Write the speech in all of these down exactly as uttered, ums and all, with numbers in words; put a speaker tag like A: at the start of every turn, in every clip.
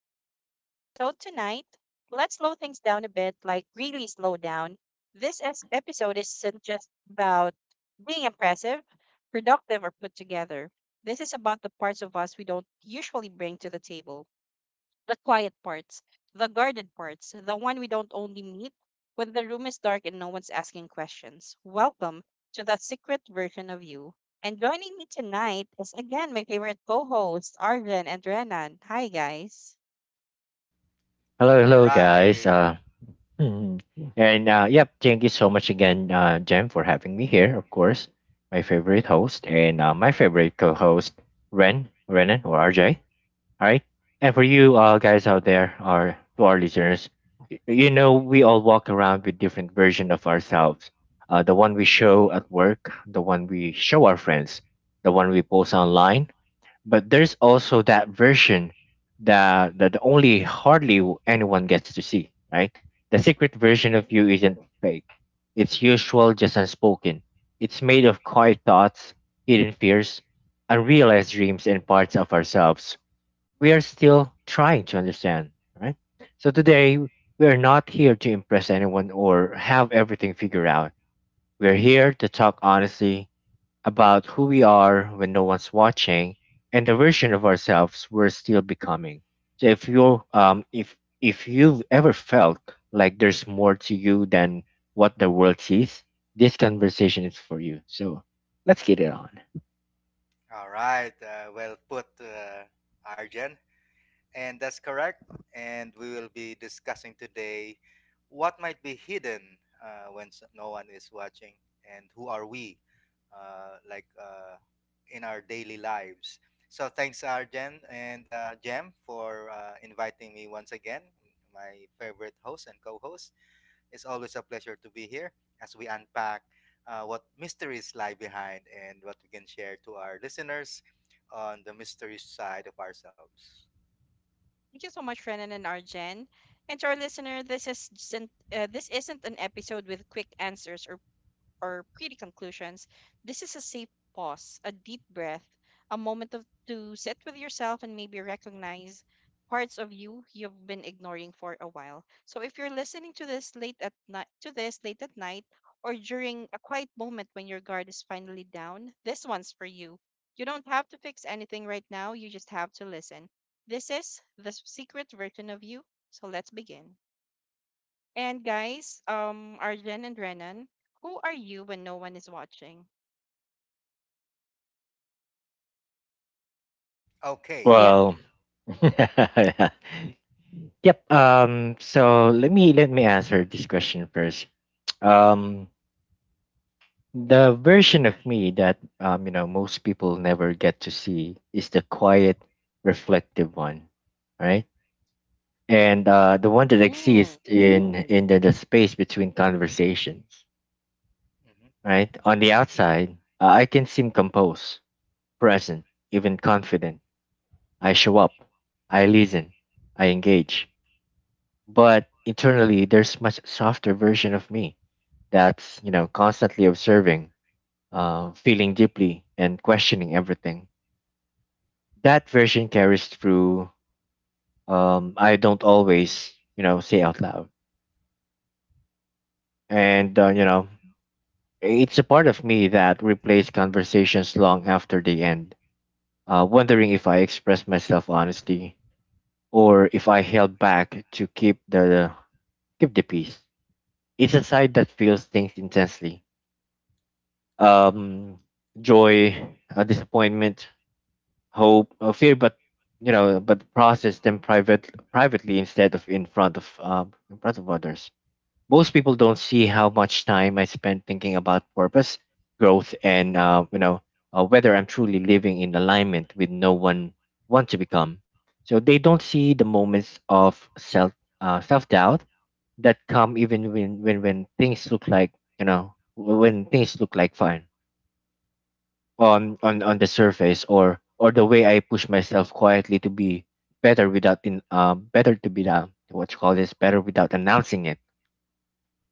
A: to our podcast. So, tonight, let's slow things down a bit, like really slow down. This es- episode isn't just about being impressive, productive, or put together. This is about the parts of us we don't usually bring to the table, the quiet parts, the guarded parts, the one we don't only meet when the room is dark and no one's asking questions. Welcome to that secret version of you. And joining me tonight is again my favorite co hosts, Arjen and Renan. Hi, guys.
B: Hello,
C: All
B: hello, guys.
C: right.
B: Uh, Mhm. And uh, yep, thank you so much again, uh, Jem, for having me here. Of course, my favorite host and uh, my favorite co-host, Ren, Renan, or R J. All right. And for you uh, guys out there, or to our listeners, y- you know we all walk around with different version of ourselves. Uh, the one we show at work, the one we show our friends, the one we post online, but there's also that version that that only hardly w- anyone gets to see, right? The secret
A: Right.
B: version of you isn't fake. It's usual, just unspoken. It's made of quiet thoughts, hidden fears, unrealized dreams, and parts of ourselves we are still trying to understand, right? So today we are not here to impress anyone or have everything figured out. We're here to talk honestly, about who we are when no one's watching and the version of ourselves we're still becoming. So if you um if if you've ever felt like there's more to you than what the world sees, this conversation is for you. So let's get it on.
C: All right. Uh, well put, uh, Arjan. And that's correct. And we will be discussing today what might be hidden uh, when s- no one is watching and who are we uh, like uh, in our daily lives. So thanks, Arjan and uh, Jem, for uh, inviting me once again, my favorite host and co host. It's always a pleasure to be here as we unpack uh, what mysteries lie behind and what we can share to our listeners on the mystery side of ourselves.
A: Thank you so much, Renan and Arjen. And to our listener, this is not uh, this isn't an episode with quick answers or or pretty conclusions, this is a safe pause, a deep breath, a moment of, to sit with yourself and maybe recognize parts of you you've been ignoring for a while. So if you're listening to this late at night to this late at night or during a quiet moment when your guard is finally down, this one's for you. You don't have to fix anything right now, you just have to listen. This is the secret version of you. So let's begin. And guys, um, Arjen and Renan, who are you when no one is watching?
C: Okay.
A: Yes.
B: Well, yep. Um. So let me let me answer this question first. Um. The version of me that um, you know most people never get to see is the quiet, reflective one, right? And uh, the one that
A: Mm.
B: exists in in the, the space between conversations,
C: hmm
B: right? On the outside, uh, I can seem composed, present, even confident. I show up, I listen, I engage. But internally, there's much softer version of me that's you know constantly observing, uh, feeling deeply, and questioning everything that version carries through. um I don't always you know say out loud, and uh,
A: Mhm.
B: you know it's a part of me that replays conversations long after they end, uh, wondering if I expressed myself honestly, or if I held back to keep the keep the peace. It's a side that feels things intensely. um Joy, uh, disappointment, hope, uh, fear, but you know but process them private privately instead of in front of um in front of others. Most people don't see how much time I spend thinking about purpose, growth, and uh, you know uh, whether I'm truly living in alignment with no one want to become. So they don't see the moments of self uh, self doubt that come even when, when when things look like, you know when things look like fun on on on the surface, or or the way I push myself quietly to be better without in uh, better to be, uh, what you call this better without announcing it.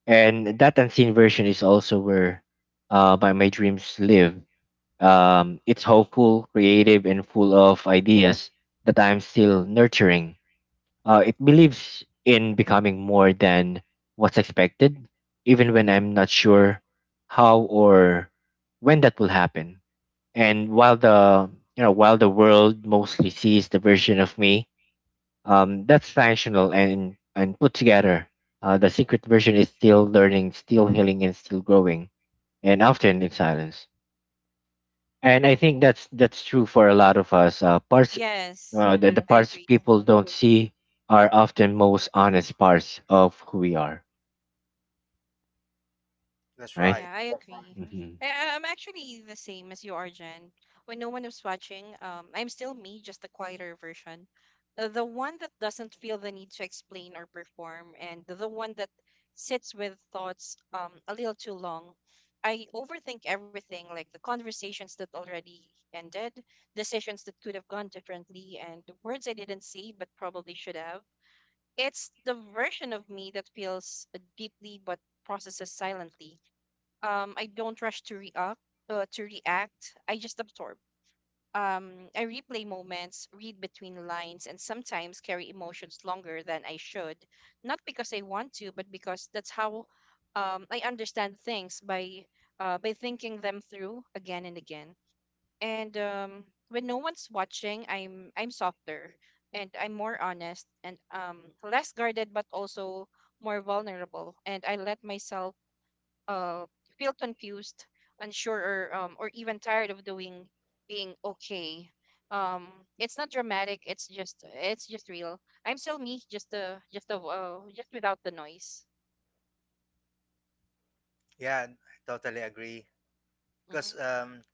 B: And that unseen version is also where uh, my, my dreams live. Um, it's hopeful, creative, and full of ideas that I'm still nurturing. Uh, it believes in becoming more than what's expected, even when I'm not sure how or when that will happen. And while the you know while the world mostly sees the version of me um, that's functional and and put together. Uh, the secret version is still learning, still healing, and still growing, and often in silence. And I think
A: Yeah.
B: that's that's true for a lot of us. Uh, parts
A: Yes.
B: uh, the,
A: Mhm.
B: the Mm-hmm.
A: I
B: parts
A: agree.
B: people don't see are often most honest parts of who we are,
C: that's
B: right?
C: right.
A: Yeah, I agree.
B: Hmm.
A: I, I- I'm actually the same as you are, Jen. When no one is watching, um, I'm still me, just a quieter version. Uh, The one that doesn't feel the need to explain or perform, and the one that sits with thoughts um, a little too long. I overthink everything, like the conversations that already ended, decisions that could have gone differently, and the words I didn't say but probably should have. It's the version of me that feels deeply but processes silently. um, I don't rush to react. Uh, to react, I just absorb. Um, I replay moments, read between lines, and sometimes carry emotions longer than I should. Not because I want to, but because that's how um, I understand things by uh, by thinking them through again and again. And um, when no one's watching, I'm I'm softer and I'm more honest and um, less guarded, but also more vulnerable. And I let myself uh, feel confused, unsure, or um, or even tired of doing being okay. Um, it's not dramatic. It's just it's just real. I'm still me, just uh, just a uh, just without the noise.
C: Yeah, I totally agree. Because
A: Hmm.
C: um,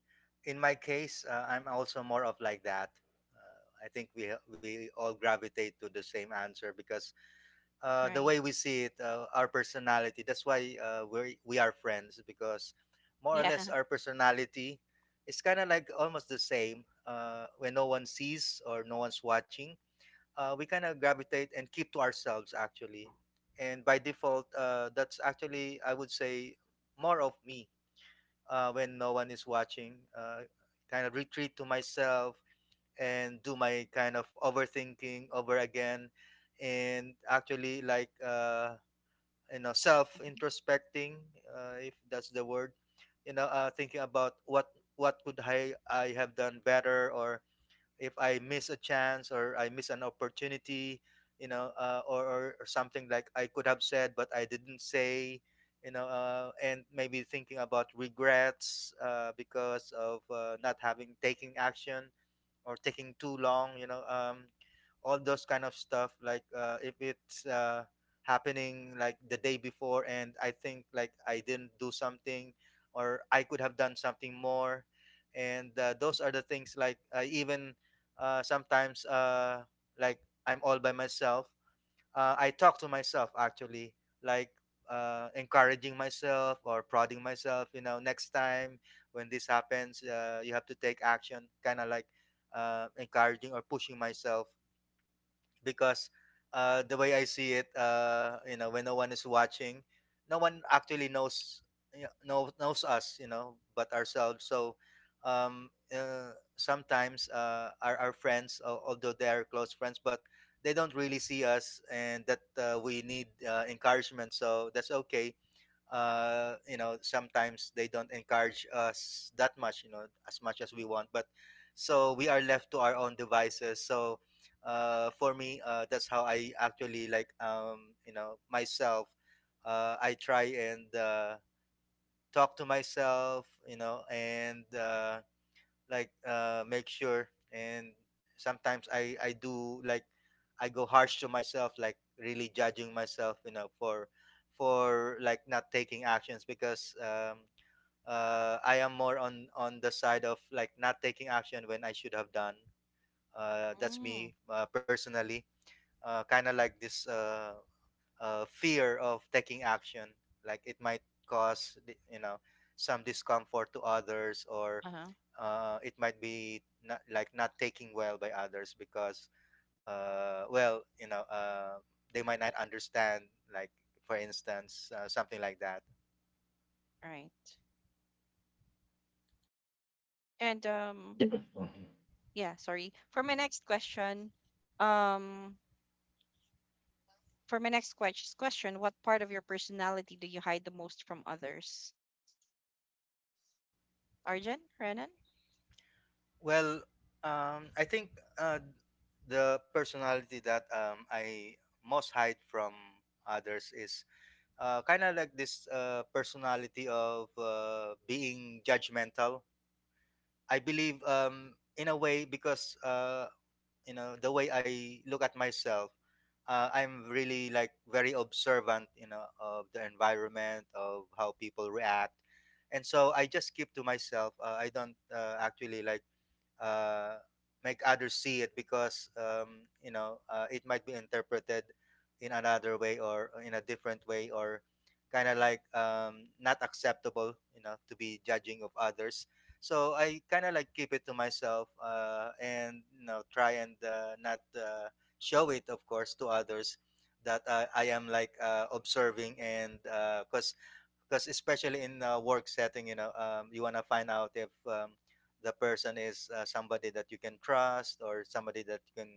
C: in my case, uh, I'm also more of like that. Uh, I think we we all gravitate to the same answer because uh, the way
A: Right.
C: we see it, uh, our personality. That's why uh, we we are friends because more or
A: Yeah.
C: less our personality is kind of like almost the same. Uh, when no one sees or no one's watching, uh, we kind of gravitate and keep to ourselves actually. And by default, uh, that's actually I would say more of me uh, when no one is watching. Uh, kind of retreat to myself and do my kind of overthinking over again and actually like uh, you know self
A: Mhm.
C: introspecting uh, if that's the word, you know, uh, thinking about what what could I, I have done better, or if I miss a chance or I miss an opportunity, you know, uh, or, or or something like I could have said but I didn't say, you know, uh, and maybe thinking about regrets uh, because of uh, not having taking action or taking too long, you know. Um all those kind of stuff like uh, if it's uh, happening like the day before and I think like I didn't do something or I could have done something more, and uh, those are the things like uh, even uh, sometimes uh, like I'm all by myself, uh, I talk to myself actually, like uh, encouraging myself or prodding myself. You know, next time when this happens, uh, you have to take action. Kind of like uh, encouraging or pushing myself because uh, the way I see it, uh, you know, when no one is watching, no one actually knows, you know, knows us, you know, but ourselves. So, um, uh, sometimes uh, our, our friends, al- although they are close friends, but they don't really see us, and that uh, we need uh, encouragement. So that's okay, uh, you know sometimes they don't encourage us that much, you know, as much as we want, but so we are left to our own devices. So uh, for me, uh, that's how I actually like, um, you know myself, uh, I try and uh, talk to myself, you know, and uh, like uh, make sure. And sometimes I I do like I go harsh to myself, like really judging myself, you know, for for like not taking actions because um, uh, I am more on on the side of like not taking action when I should have done. Uh, that's
A: Mm,
C: me uh, personally. Uh, kind of like this uh, uh, fear of taking action, like it might cause, you know, some discomfort to others, or
A: uh-huh.
C: uh, it might be not, like not taking well by others because, uh, well, you know, uh, they might not understand, like for instance, uh, something like that.
A: Right. And um yeah, sorry. For my next question, um for my next ques- question, what part of your personality do you hide the most from others? Arjun, Renan,
C: Well, um, I think uh, the personality that um, I most hide from others is, uh, kind of like this uh, personality of uh, being judgmental, I believe, um, in a way, because uh, you know the way I look at myself, uh, I'm really like very observant, you know, of the environment, of how people react, and so I just keep to myself. uh, I don't uh, actually like uh, make others see it because, um, you know, uh, it might be interpreted in another way, or uh, in a different way, or kind of like um, not acceptable, you know, to be judging of others. So I kind of like keep it to myself, uh, and you know try and uh, not uh, show it of course to others that uh, I am like uh, observing. And because because especially in a work setting, you know, um, you want to find out if, um, the person is uh, somebody that you can trust, or somebody that you can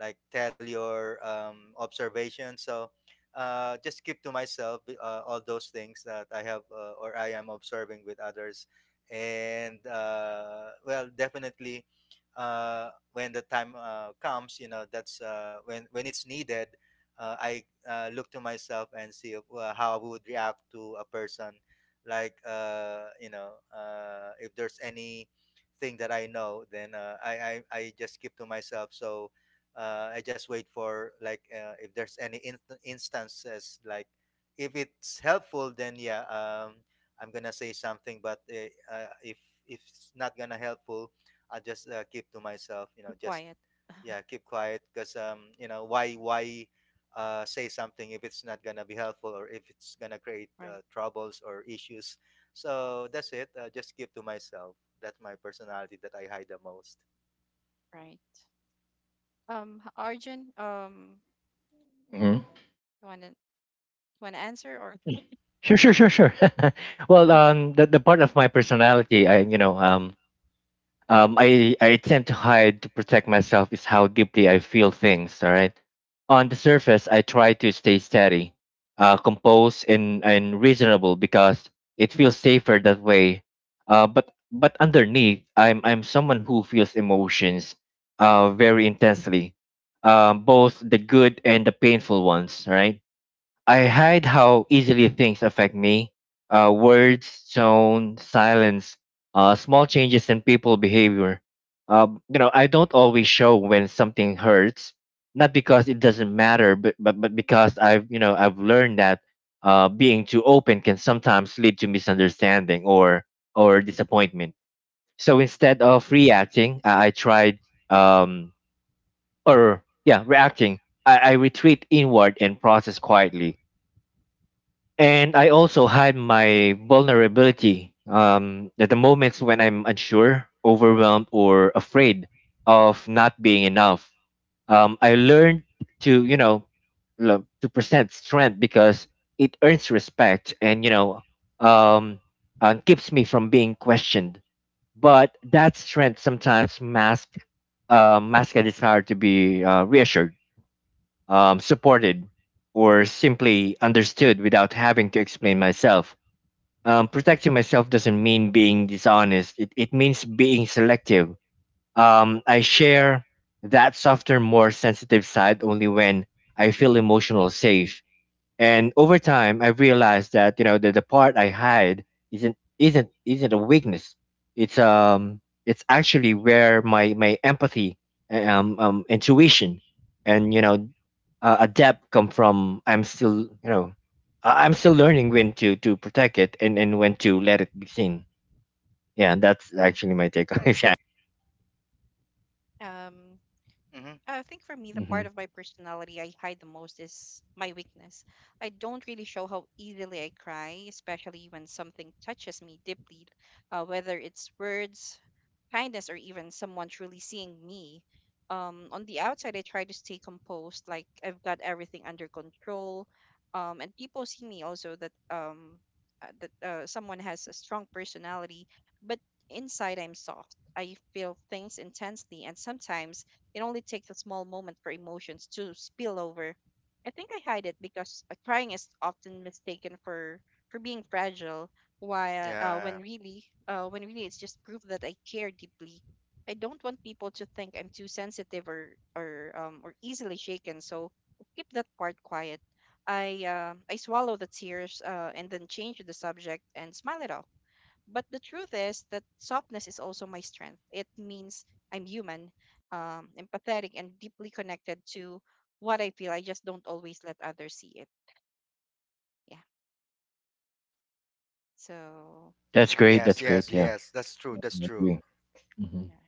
C: like tell your um, observation. So uh, just keep to myself uh, all those things that I have uh, or I am observing with others. And uh, well, definitely, uh, when the time uh, comes, you know, that's uh, when when it's needed, uh, I uh, look to myself and see uh, how I would react to a person. Like, uh, you know, uh, if there's any thing that I know, then uh, I, I I just keep to myself. So uh, I just wait for like uh, if there's any inst- instances like if it's helpful, then yeah, um, I'm gonna say something. But uh, uh, if if it's not gonna helpful, I just uh, keep to myself.
A: keep
C: You know,
A: quiet.
C: just yeah, keep quiet because um you know why why uh say something if it's not gonna be helpful, or if it's gonna create
A: Right.
C: uh, troubles or issues. So that's it, uh, just keep to myself. That's my personality that I hide the most.
A: Right. Um, h- Arjun, um,
B: Hmm.
A: you wanna you wanna answer or
B: Sure, sure, sure, sure. well, um, the the part of my personality, I you know, um, um, I, I tend to hide to protect myself is how deeply I feel things. All right. On the surface, I try to stay steady, uh, composed, and, and reasonable because it feels safer that way. Uh, but but underneath, I'm I'm someone who feels emotions, uh, very intensely, um, both the good and the painful ones. Right. I hide how easily things affect me. Uh, words, tone, silence, uh, small changes in people behavior. Uh, you know, I don't always show when something hurts, not because it doesn't matter, but but, but because I've you know I've learned that uh, being too open can sometimes lead to misunderstanding or or disappointment. So instead of reacting, I, I tried, um, or yeah reacting. I, I retreat inward and process quietly, and I also hide my vulnerability um, at the moments when I'm unsure, overwhelmed, or afraid of not being enough. Um, I learned to, you know, lo- to present strength because it earns respect, and, you know, um, uh, keeps me from being questioned. But that strength sometimes masks uh, mask a desire to be uh, reassured, um, supported, or simply understood without having to explain myself. Um, protecting myself doesn't mean being dishonest, it, it means being selective. Um, I share that softer, more sensitive side only when I feel emotional safe. And over time, I realized that you know the, the part I hide isn't isn't isn't a weakness. It's um it's actually where my my empathy, um, um intuition, and you know uh, adapt come from. I'm still you know I- I'm still learning when to to protect it and and when to let it be seen. Yeah, that's actually my take on it. Yeah.
A: um, I
C: hmm
A: think for me, the part of my
B: Hmm.
A: personality I hide the most is my weakness. I don't really show how easily I cry, especially when something touches me deeply, uh, whether it's words, kindness, or even someone truly seeing me. Um, on the outside, I try to stay composed, like I've got everything under control. Um, and people see me also that um, uh, that uh, someone has a strong personality, but inside I'm soft. I feel things intensely, and sometimes it only takes a small moment for emotions to spill over. I think I hide it because uh, crying is often mistaken for for being fragile, while uh,
C: yeah
A: when really uh, when really it's just proof that I care deeply. I don't want people to think I'm too sensitive or or um or easily shaken, so I keep that part quiet. I uh, I swallow the tears uh, and then change the subject and smile it off, but the truth is that softness is also my strength. It means I'm human, um, empathetic, and deeply connected to what I feel. I just don't always let others see it. Yeah. So,
B: That's great,
C: yes,
B: that's
C: yes,
B: great, yeah.
C: yes, that's true, that's
B: I
C: true.
B: agree. Hmm.
A: yeah.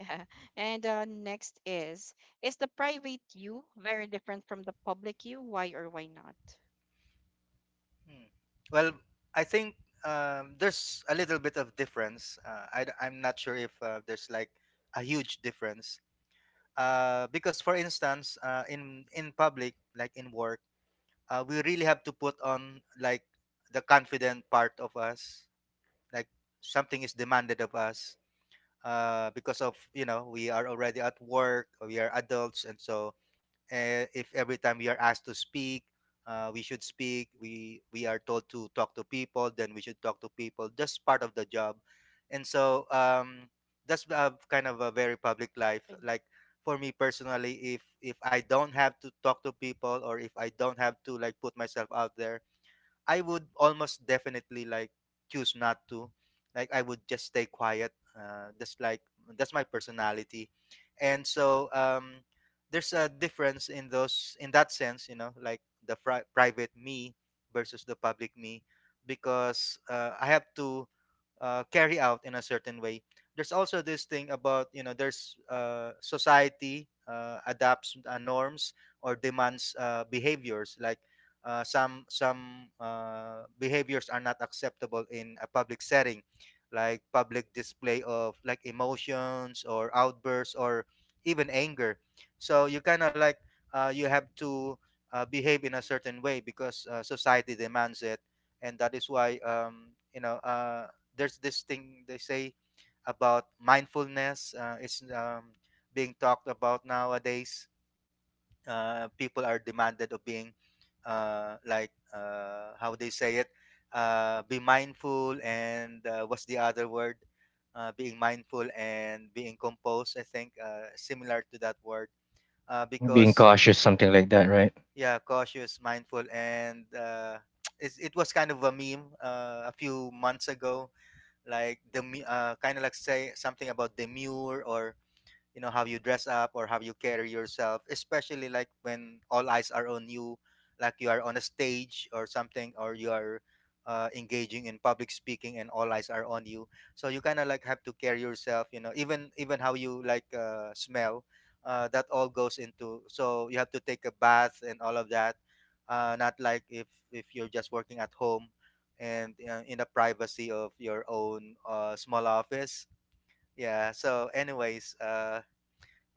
A: Yeah. And uh, next is Is the private you very different from the public you? Why or why not?
C: Hmm. Well, I think um, there's a little bit of difference. uh, I, I'm not sure if uh, there's like a huge difference, uh, because for instance, uh, in in public like in work, uh, we really have to put on like the confident part of us, like something is demanded of us, uh, because of you know we are already at work, we are adults, and so, uh, if every time we are asked to speak, uh, we should speak. we we are told to talk to people, then we should talk to people. That's part of the job. And so, um, that's uh, kind of a very public life.
A: Thank
C: Like for me personally, if if I don't have to talk to people, or if I don't have to like put myself out there, I would almost definitely like choose not to. Like I would just stay quiet. Uh, that's like that's my personality, and so, um, there's a difference in those in that sense, you know, like the pri- private me versus the public me, because uh, I have to uh, carry out in a certain way. There's also this thing about you know there's uh, society uh, adapts uh, norms or demands uh, behaviors, like uh, some some uh, behaviors are not acceptable in a public setting, like public display of like emotions or outbursts or even anger. So you kind of like uh, you have to uh, behave in a certain way because uh, society demands it. And that is why, um, you know, uh, there's this thing they say about mindfulness. Uh, it's, um, being talked about nowadays. Uh, people are demanded of being uh, like uh, how they say it, uh, be mindful, and uh, what's the other word, uh, being mindful and being composed, I think, uh, similar to that word, uh,
B: Being
C: because
B: cautious, something like that, right.
C: yeah, cautious, mindful, and uh, it's, it was kind of a meme uh, a few months ago, like the uh, kind of like say something about demure, or you know how you dress up or how you carry yourself, especially like when all eyes are on you, like you are on a stage or something, or you are uh, engaging in public speaking and all eyes are on you. So you kind of like have to carry yourself, you know, even even how you like uh, smell. Uh, that all goes into so you have to take a bath and all of that, uh, not like if if you're just working at home and uh, in the privacy of your own uh, small office. Yeah, so anyways, uh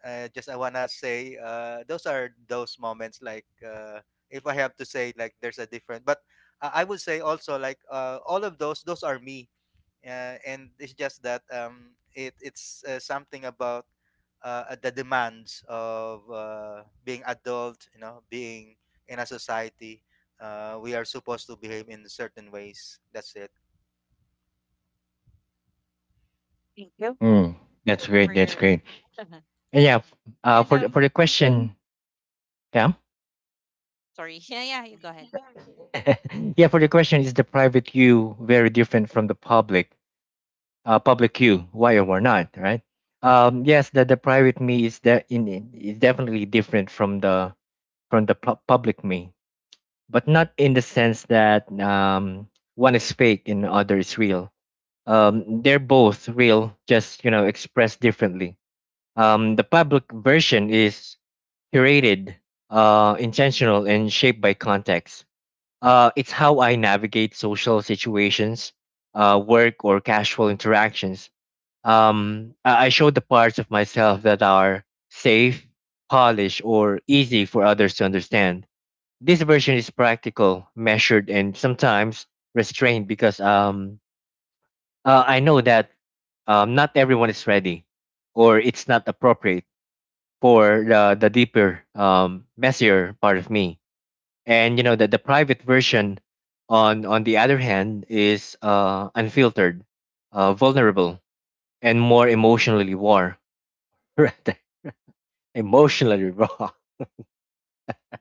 C: uh, just I wanna say uh, those are those moments, like uh, if I have to say like there's a different, but I I would say also like uh, all of those those are me, uh, and it's just that um, it it's uh, something about uh, the demands of uh, being adult, you know, being in a society. Uh, we are supposed to behave in certain ways. That's it.
A: thank you
B: Mm. That's great,
A: for
B: that's
A: your.
B: great. and yeah f-
A: And
B: uh for
A: um,
B: the, for the question, yeah.
A: sorry. Yeah, yeah, you go ahead.
B: Yeah, for the question, is the private you very different from the public uh, public you, why or why not, right? Um, yes, the, the private me is that in in- is definitely different from the from the pu- public me, but not in the sense that um, one is fake and the other is real. Um, they're both real, just you know expressed differently. Um, the public version is curated, uh, intentional, and shaped by context. Uh, it's how I navigate social situations, uh, work, or casual interactions. um, I I show the parts of myself that are safe, polished, or easy for others to understand. This version is practical, measured, and sometimes restrained because um, uh, I know that um, not everyone is ready or it's not appropriate for the, the deeper, um, messier part of me. And you know that the private version, on on the other hand, is uh, unfiltered, uh, vulnerable, and more emotionally raw. Right. Emotionally raw.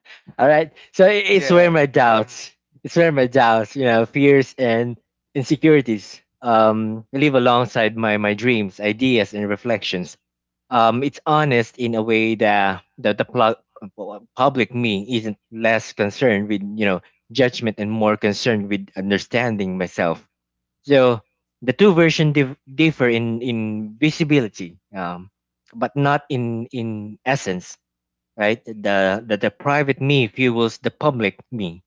B: All right. So i- it's where
C: Yeah,
B: my doubts, it's where my doubts, you know, fears and insecurities um, live alongside my, my dreams, ideas, and reflections. Um, it's honest in a way that, that the pl- public me isn't, less concerned with, you know, judgment and more concerned with understanding myself. So the two versions dif- differ in, in visibility, um, but not in, in essence, right? The, the the private me fuels the public me,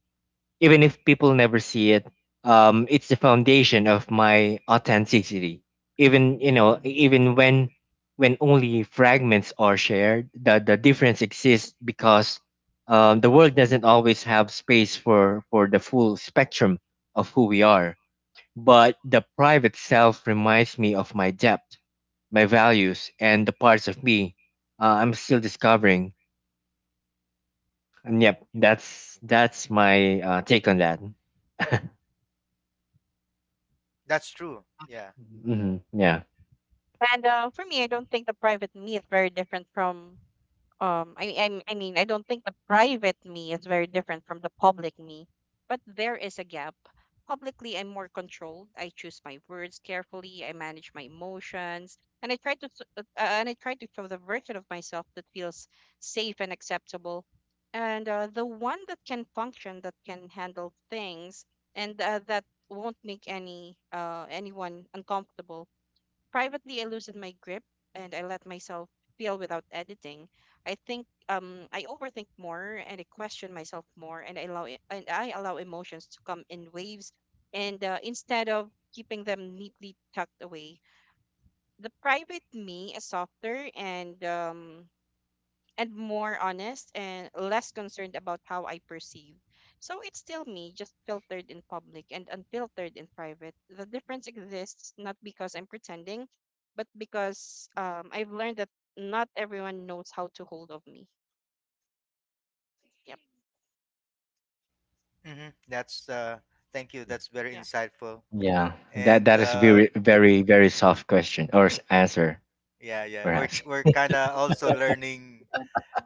B: even if people never see it. Um, it's the foundation of my authenticity. Even you know, even when when only fragments are shared, the the difference exists because um, the world doesn't always have space for for the full spectrum of who we are. But the private self reminds me of my depth, my values, and the parts of me uh, I'm still discovering. And yep, that's that's my uh, take on that.
C: that's true. Yeah.
B: Hmm. Yeah,
A: And uh, for me, I don't think the private me is very different from um I, I I mean I don't think the private me is very different from the public me, but there is a gap. Publicly, I'm more controlled. I choose my words carefully. I manage my emotions, and I try to s- uh, uh, and I try to show the version of myself that feels safe and acceptable, and uh, the one that can function, that can handle things, and uh, that won't make any uh, anyone uncomfortable. Privately, I loosen my grip and I let myself feel without editing. I think um, I overthink more and I question myself more, and I allow it, and I allow emotions to come in waves. And uh, instead of keeping them neatly tucked away, the private me is softer and um, and more honest and less concerned about how I perceive. So it's still me, just filtered in public and unfiltered in private. The difference exists not because I'm pretending, but because um, I've learned that not everyone knows how to hold of me. Yep.
C: hmm That's uh, thank you. That's very
A: Yeah.
C: insightful.
B: yeah. That
C: And
B: that is
C: uh,
B: very very very soft question or s- answer
C: yeah, yeah. We're
B: perhaps.
C: we're kind of also learning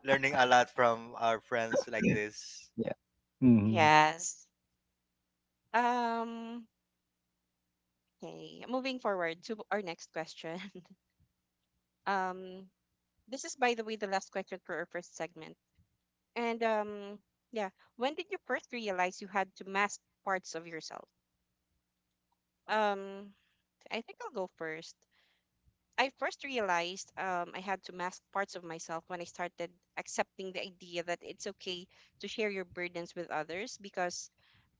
C: learning a lot from our friends like
B: Yeah.
C: this.
B: Yeah. Hmm.
A: Yes. Um. Okay. Moving forward to our next question. Um. This is, by the way, the last question for our first segment. And um, yeah, when did you first realize you had to mask parts of yourself? Um, I think I'll go first. I first realized um, I had to mask parts of myself when I started accepting the idea that it's okay to share your burdens with others because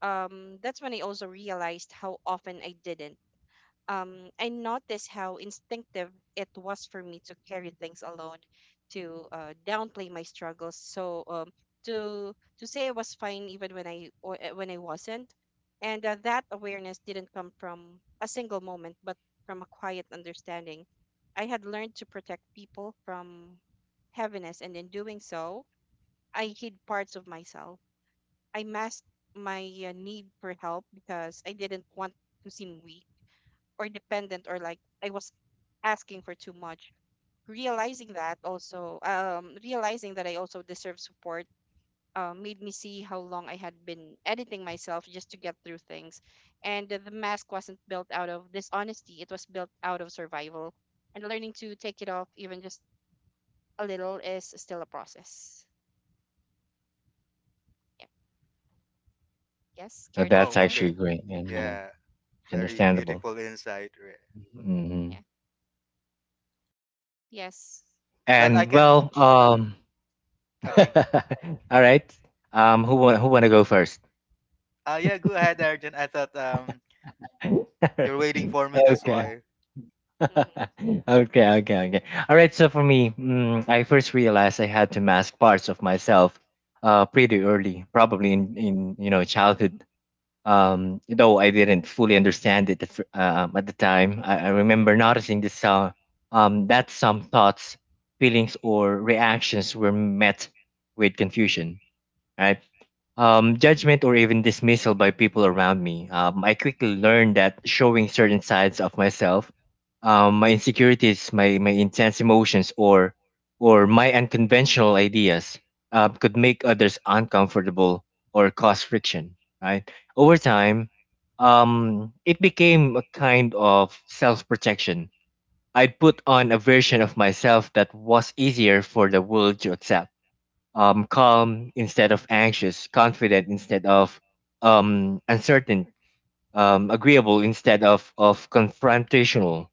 A: um, that's when I also realized how often I didn't. um, I noticed how instinctive it was for me to carry things alone, to uh, downplay my struggles. So um, to to say I was fine even when I or, uh, when I wasn't, and uh, that awareness didn't come from a single moment, but from a quiet understanding. I had learned to protect people from heaviness, and in doing so, I hid parts of myself. I masked my uh, need for help because I didn't want to seem weak or dependent or like I was asking for too much. Realizing that also, um, realizing that I also deserve support, uh, made me see how long I had been editing myself just to get through things. And the the mask wasn't built out of dishonesty, it was built out of survival. And learning to take it off, even just a little, is still a process. Yeah. Yes. Care to
B: That's
C: Oh,
A: share?
C: okay.
B: actually great, and you know,
C: Yeah, very
B: understandable.
C: beautiful insight. Re-
B: Hmm.
A: Yeah. Yes.
C: Well, I
B: And
C: can.
B: well, um,
C: Okay.
B: all right. Um, who want who want to go first?
C: Uh, yeah. Go ahead, Arjun. I thought um
B: All
C: you're waiting
B: right.
C: for me. That's
B: Okay.
C: why.
A: Mm-hmm.
B: Okay, okay, okay. All right. So for me, mm, I first realized I had to mask parts of myself, uh, pretty early, probably in in you know childhood. Um, though I didn't fully understand it at, fir- um, at the time. I, I remember noticing this uh, um that some thoughts, feelings, or reactions were met with confusion. Right, um, judgment or even dismissal by people around me. Um, I quickly learned that showing certain sides of myself, um, my insecurities, my, my intense emotions, or or my unconventional ideas uh, could make others uncomfortable or cause friction. Right, over time, um, it became a kind of self protection. I'd put on a version of myself that was easier for the world to accept, um, calm instead of anxious, confident instead of um, uncertain, um, agreeable instead of, of confrontational.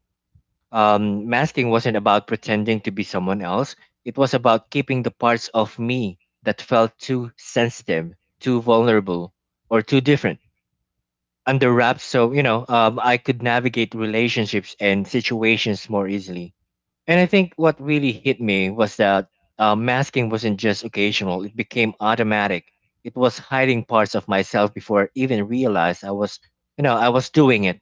B: Um, masking wasn't about pretending to be someone else, it was about keeping the parts of me that felt too sensitive, too vulnerable, or too different under wraps so you know um, I could navigate relationships and situations more easily. And I think what really hit me was that uh, masking wasn't just occasional, it became automatic. It was hiding parts of myself before I even realized I was, you know, I was doing it,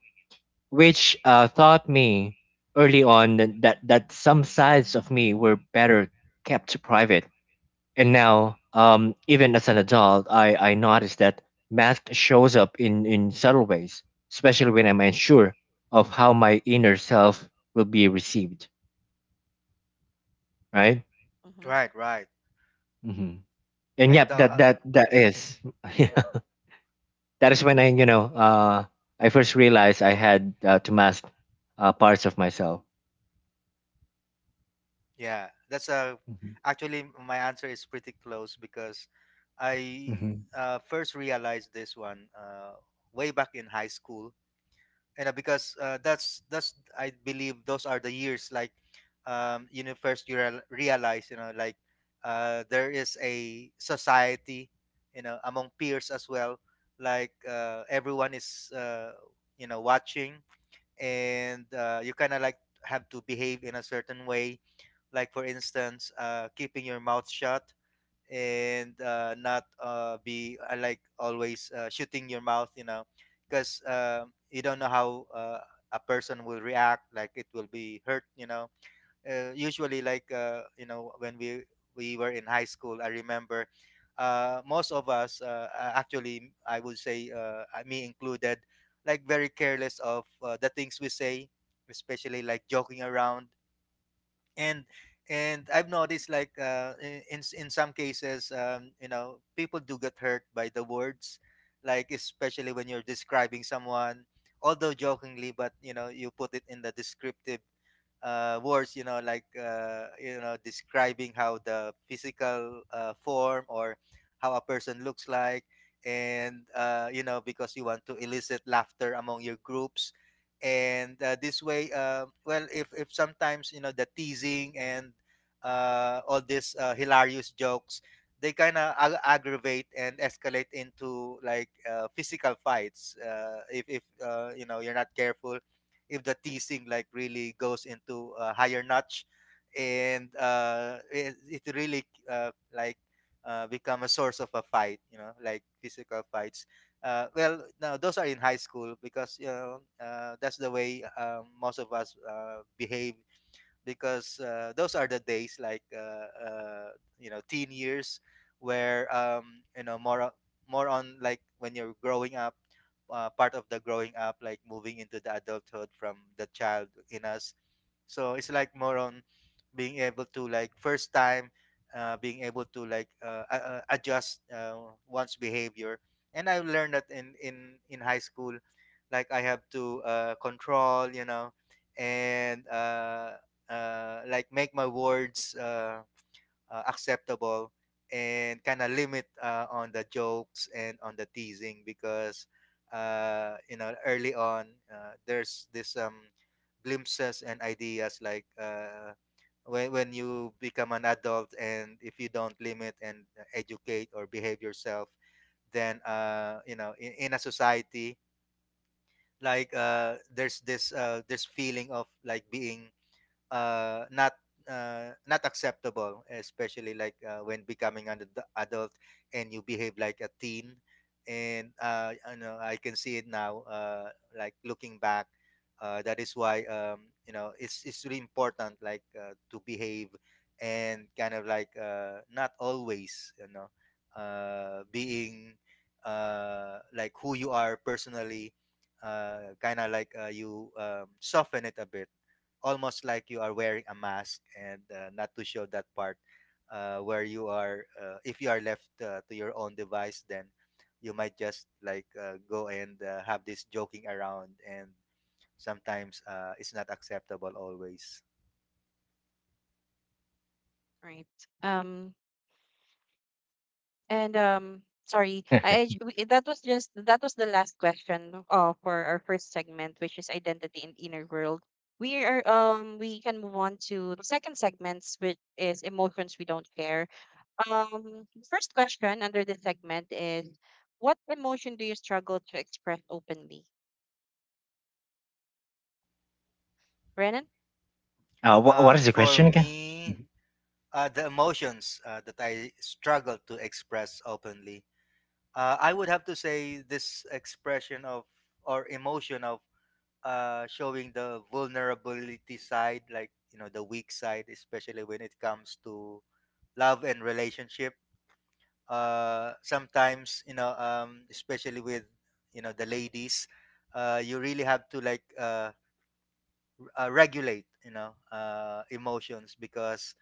B: which uh, taught me early on that, that, that some sides of me were better kept private. And now, um, even as an adult, I, I noticed that mask shows up in, in subtle ways, especially when I'm unsure of how my inner self will be received, right?
A: Mm-hmm.
C: Right, right.
B: Mhm. and
C: I
B: yep
C: thought.
B: that
C: Uh,
B: that that is yeah. that is when I you know uh I first realized I had uh, to mask uh, parts of myself.
C: yeah, that's uh,
B: Hmm.
C: actually my answer is pretty close because I
B: Hmm.
C: uh, first realized this one uh, way back in high school, you know, because uh, that's that's I believe those are the years, like um you know, first you real- realize, you know, like uh there is a society, you know, among peers as well. Like uh, everyone is uh, you know, watching, and uh, you kind of, like, have to behave in a certain way, like, for instance, uh, keeping your mouth shut, and uh, not uh, be uh, like always uh, shooting your mouth, you know, because um you don't know how uh, a person will react. Like, it will be hurt, you know. Uh, usually, like uh, you know, when we we were in high school, I remember uh, most of us, uh, uh, actually, I would say, uh, uh, me included, like, very careless of uh, the things we say, especially like joking around, and and I've noticed, like, uh, i- in s- in some cases, um, you know, people do get hurt by the words, like, especially when you're describing someone, although jokingly, but, you know, you put it in the descriptive uh, words, you know, like uh, you know, describing how the physical uh, form, or how a person looks like, and uh, you know, because you want to elicit laughter among your groups, and uh, this way, uh, well, if if sometimes, you know, the teasing and uh, all these uh, hilarious jokes, they kind of ag- aggravate and escalate into, like uh, physical fights uh, if if uh, you know, you're not careful, if the teasing, like, really goes into a higher notch, and uh, it, it really uh, like uh, become a source of a fight, you know, like physical fights. Uh, well, no, those are in high school because, you know, uh, that's the way uh, most of us uh, behave, because uh, those are the days, like uh, uh, you know, teen years, where um, you know, more o- more on, like, when you're growing up. Uh, part of the growing up, like, moving into the adulthood from the child in us. So it's like more on being able to, like, first time, uh, being able to, like uh, a- uh, adjust uh, one's behavior. And I learned that in in in high school, like, I have to uh, control, you know, and uh, uh, like, make my words uh, uh, acceptable, and kind of limit uh, on the jokes and on the teasing, because uh, you know, early on uh, there's this um glimpses and ideas, like uh, when, when you become an adult, and if you don't limit and educate or behave yourself, then uh, you know, in, in a society, like uh, there's this uh, this feeling of, like, being uh, not uh, not acceptable, especially, like uh, when becoming an ad- adult, and you behave like a teen. And uh, you know, I can see it now. Uh, like, looking back, uh, that is why, um, you know, it's it's really important, like uh, to behave, and kind of, like, uh, not always, you know, uh, being uh, like, who you are personally. Uh, kind of, like uh, you um, soften it a bit, almost like you are wearing a mask, and uh, not to show that part uh, where you are, uh, if you are left uh, to your own device, then you might just, like uh, go and uh, have this joking around, and sometimes uh, it's not acceptable always.
A: Right. Um. And um, sorry,
B: uh,
A: I I- we- that was just that was the last question uh, for our first segment, which is identity and inner world. We are um we can move on to the second segments, which is emotions we don't share. Um, the first question under this segment is, what emotion do you struggle to express openly, Brennan?
B: wha
C: Uh,
B: what is the
C: for
B: question again?
C: me,
B: Mhm.
C: uh, the emotions uh, that I struggle to express openly, uh, I would have to say this expression of, or emotion of, uh showing the vulnerability side, like, you know, the weak side, especially when it comes to love and relationship. Uh sometimes, you know, um especially with, you know, the ladies, uh you really have to, like uh, uh regulate, you know, uh emotions, because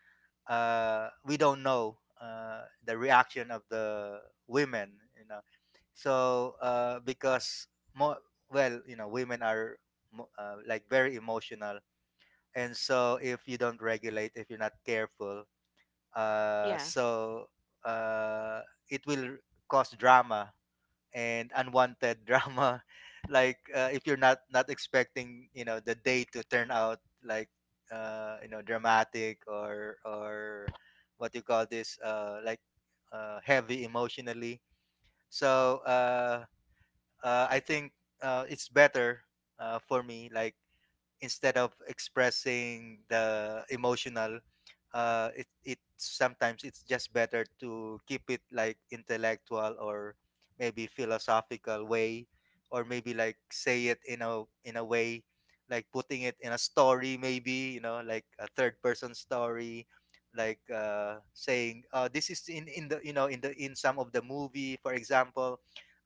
C: uh we don't know uh the reaction of the women, you know. So uh because, more, well, you know, women are mo- uh, like, very emotional, and so if you don't regulate, if you're not careful,
A: Yeah,
C: uh so uh it will cause drama, and unwanted drama, like uh, if you're not not expecting, you know, the day to turn out, like uh you know, dramatic, or or what you call this, uh like uh heavy emotionally. So uh uh I think uh it's better, uh for me, like, instead of expressing the emotional, uh it it sometimes, it's just better to keep it, like, intellectual, or maybe philosophical way, or maybe, like, say it in a in a way, like putting it in a story, maybe, you know, like a third person story, like uh saying, uh this is in in the, you know, in the, in some of the movie, for example.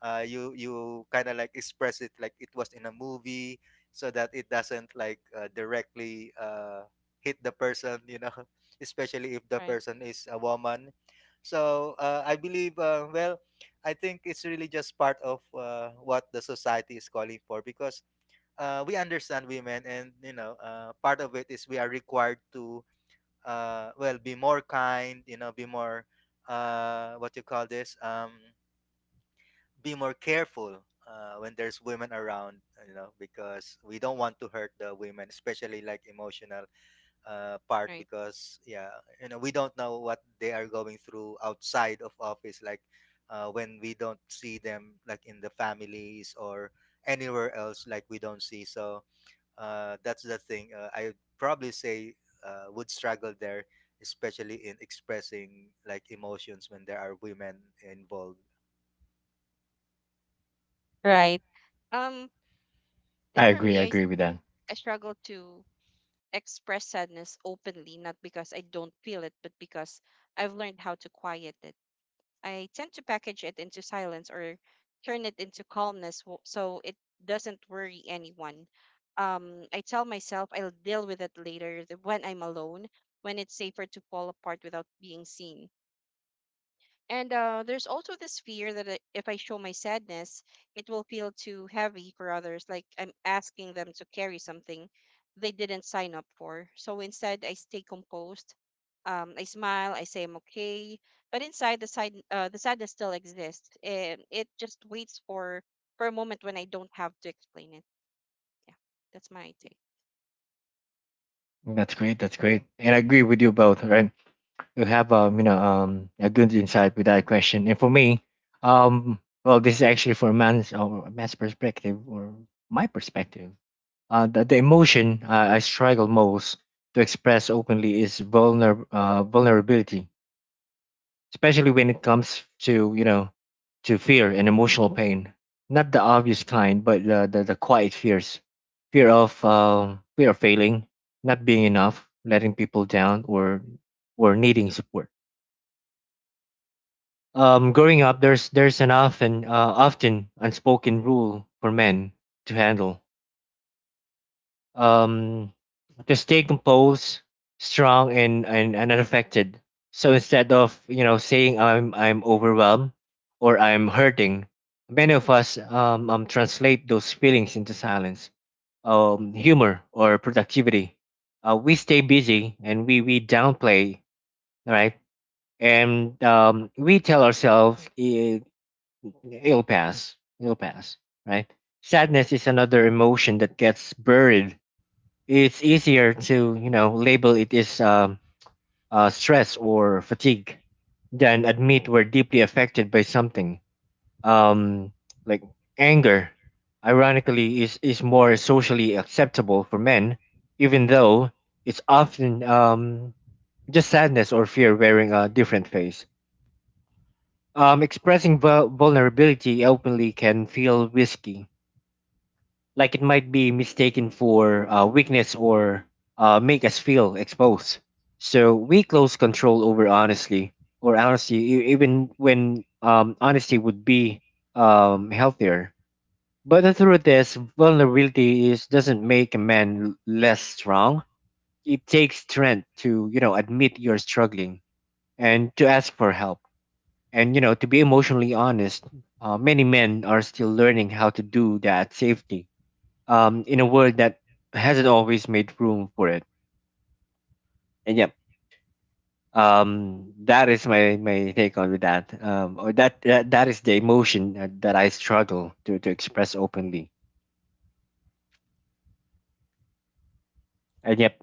C: uh you you kind of, like, express it like it was in a movie, so that it doesn't, like uh, directly uh, hit the person, you know. Especially if the
A: right,
C: person is a woman. So uh, I believe, uh, well, I think it's really just part of uh, what the society is calling for, because uh, we understand women, and, you know, uh, part of it is, we are required to uh, well, be more kind, you know, be more, uh, what you call this, um, be more careful uh, when there's women around, you know, because we don't want to hurt the women, especially, like, emotional uh, part,
A: right,
C: because, yeah, you know, we don't know what they are going through outside of office, like uh, when we don't see them, like, in the families or anywhere else, like, we don't see. So uh, that's the thing, uh, I probably say, uh, would struggle there, especially in expressing, like, emotions when there are women involved.
A: right. Um,
B: i
A: like for
B: agree i
A: me, I s-
B: agree with that.
A: I struggle to express sadness openly, not because I don't feel it, but because I've learned how to quiet it. I tend to package it into silence or turn it into calmness w- so it doesn't worry anyone. Um, I tell myself I'll deal with it later th- when I'm alone, when it's safer to fall apart without being seen. And uh, there's also this fear that I- if I show my sadness, it will feel too heavy for others, like I'm asking them to carry something they didn't sign up for. So instead, I stay composed. Um, I smile. I say I'm okay, but inside the side, uh, the sadness still exists, and it just waits for for a moment when I don't have to explain it. Yeah, that's my take.
B: That's great that's great and i agree with you both,
A: Mhm.
B: right? You have um you know um a good insight with that question. And for me, um well, this is actually for a man's or a man's perspective or my perspective. Uh, the, the emotion uh, I struggle most to express openly is vulner, uh, vulnerability, especially when it comes to, you know, to fear and emotional pain. Not the obvious kind, but the the, the quiet fears, fear of uh, fear of failing, not being enough, letting people down, or or needing support. Um, growing up, there's there's an often uh, often unspoken rule for men to handle. um, to stay composed, strong, and, and and unaffected. So instead of, you know saying I'm I'm overwhelmed or I'm hurting, many of us um, um translate those feelings into silence, um, humor, or productivity. Uh, we stay busy and we we downplay, right? And um, we tell ourselves, "I- It'll pass, it'll pass," right? Sadness is another emotion that gets buried. It's easier to, you know, label it as um, uh, stress or fatigue than admit we're deeply affected by something. Um, like anger, ironically, is, is more socially acceptable for men, even though it's often um, just sadness or fear wearing a different face. Um, expressing vul- vulnerability openly can feel risky, like it might be mistaken for uh, weakness or uh, make us feel exposed. So we close control over honesty, or honesty, e- even when um, honesty would be um, healthier. But the truth is, vulnerability is doesn't make a man l- less strong. It takes strength to, you know admit you're struggling and to ask for help, and, you know to be emotionally honest. Uh, many men are still learning how to do that safety um, in a world that hasn't always made room for it. And yeah, um, that is my, my take on with that. Um, or that, that that is the emotion uh, that I struggle to, to express openly. And yep,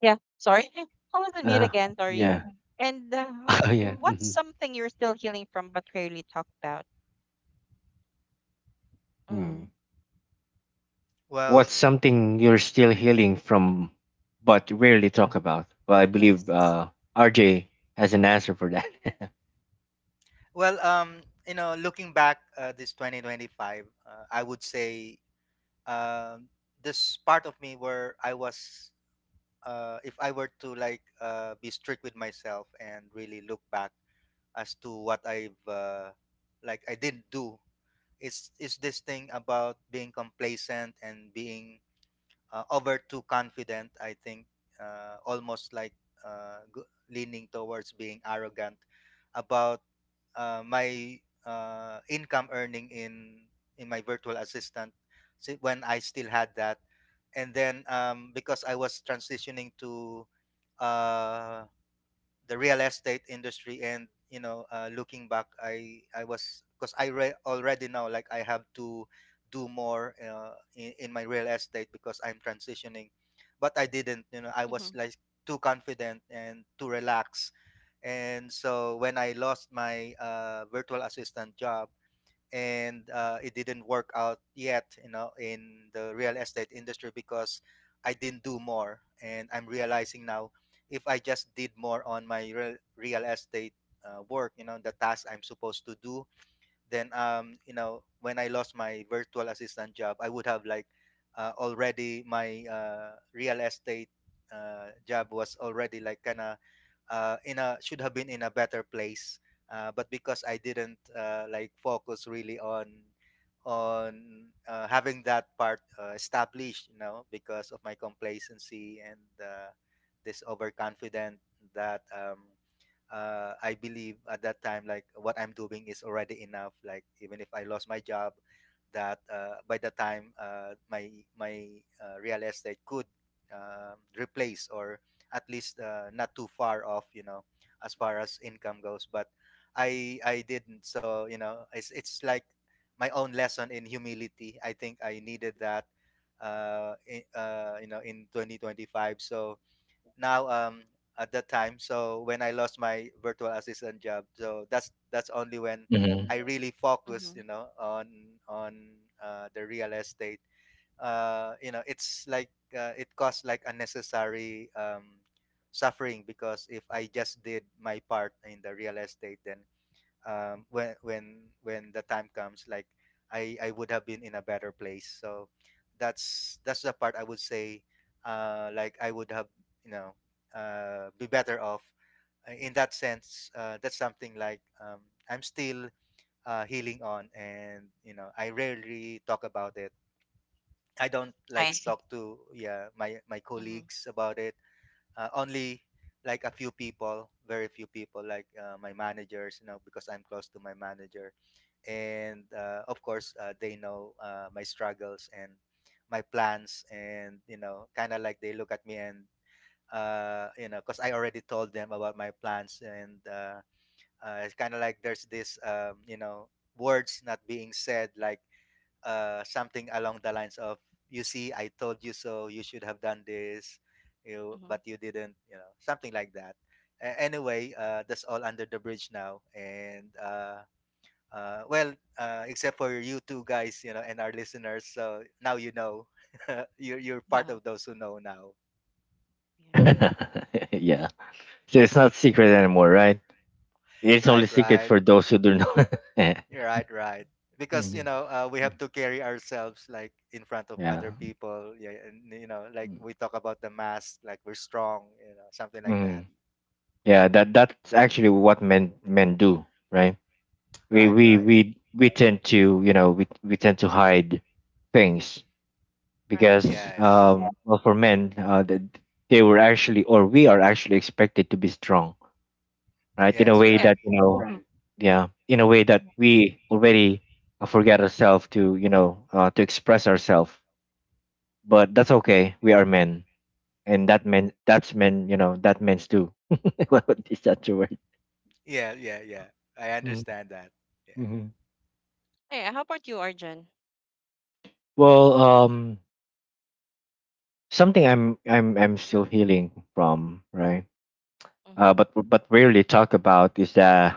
A: Yeah, sorry, I was on mute
B: uh,
A: again. Sorry.
B: yeah,
A: And uh,
B: yeah.
A: what's
B: Mhm.
A: something you're still healing from but rarely talk about?
B: Hmm.
A: Mm,
B: What's
C: well
B: something you're still healing from, but rarely talk about? Well, I believe
A: yes.
B: uh, R J has an answer for that.
C: Well, um, you know, looking back, uh, this twenty twenty-five, uh, I would say, um this part of me where I was, uh, if I were to, like uh, be strict with myself and really look back as to what I've uh, like, I didn't do, it's, is this thing about being complacent and being uh, over too confident, I think, uh, almost like uh, g- leaning towards being arrogant about uh, my uh, income earning in in my virtual assistant, si- when I still had that. And then, um, because I was transitioning to uh, the real estate industry, and, you know, uh, looking back, i i was, because I re- already know, like, I have to do more uh, in, in my real estate because I'm transitioning. But I didn't, you know, I was,
A: Mm-hmm.
C: like, too confident and too relaxed. And so when I lost my uh, virtual assistant job, and uh, it didn't work out yet, you know, in the real estate industry, because I didn't do more. And I'm realizing now, if I just did more on my real, real estate uh, work, you know, the task I'm supposed to do, then um you know, when I lost my virtual assistant job, I would have, like, uh, already, my uh, real estate uh, job was already, like, kind of uh, in a, should have been in a better place. Uh, but because I didn't uh, like, focus really on on uh, having that part uh, established, you know, because of my complacency and uh, this overconfident that, um, uh, I believe at that time, like, what I'm doing is already enough. Like, even if I lost my job, that, uh, by the time uh, my my uh, real estate could uh, replace, or at least, uh, not too far off, you know, as far as income goes. But I I didn't. So, you know, it's it's like my own lesson in humility. I think I needed that, uh, in, uh, you know, in twenty twenty-five. So now um at that time, so when I lost my virtual assistant job, so that's that's only when
B: Mhm.
C: I really focus,
A: Mm-hmm.
C: you know, on on uh, the real estate. Uh you know, it's like uh, it costs like unnecessary um suffering, because if I just did my part in the real estate, then um, when when when the time comes, like I I would have been in a better place. So that's that's the part I would say, uh, like I would have, you know, uh, be better off. Uh, in that sense, uh, that's something like, um, I'm still uh, healing on, and you know, I rarely talk about it. I don't
A: I
C: like
A: see.
C: talk to, yeah, my my
A: Mm-hmm.
C: colleagues about it. Uh, only like a few people, very few people, like uh, my managers, you know, because I'm close to my manager. And uh, of course, uh, they know uh, my struggles and my plans, and you know, kind of like they look at me. And uh, you know, because I already told them about my plans, and uh, uh, it's kind of like there's this, um, you know, words not being said, like uh, something along the lines of, "You see, I told you so. You should have done this, you,
A: Mm-hmm.
C: but you didn't." You know, something like that. A- anyway, uh, that's all under the bridge now. And uh, uh, well, uh, except for you two guys, you know, and our listeners. So now you know. you're you're part of those who know now.
A: Yeah.
B: Yeah. So it's not secret anymore, right? It's only
C: Right,
B: secret
C: right.
B: for those who do not.
C: You're right, right. Because you
B: Mhm.
C: know, uh, we have
B: Mm.
C: to carry ourselves like in front of
B: Yeah.
C: other people. Yeah, and you know, like
B: Mm.
C: we talk about the mask, like we're strong. You know, something like
B: Mm-hmm.
C: that.
B: Yeah, that that's actually what men men do, right? We
C: Right,
B: we
C: right.
B: we we tend to, you know we we tend to hide things,
A: Right.
B: because
C: Yes,
B: um well, for men, uh that they were actually or we are actually expected to be strong, right? In a
C: yes,
A: I
B: way
C: right.
A: guess.
B: that, you know right. Yeah, in a way that
A: Yeah.
B: we already uh, forget ourselves to, you know uh, to express ourselves, but that's okay. We are men, and that meant that's meant you know that meant too. What is that, the word?
C: Yeah, yeah, yeah. I understand that. Yeah.
B: Mm-hmm.
A: Hey, how about you, Arjun?
B: Well, um, something I'm I'm I'm still healing from, right? Uh,
A: Mm-hmm.
B: but but rarely talk about is the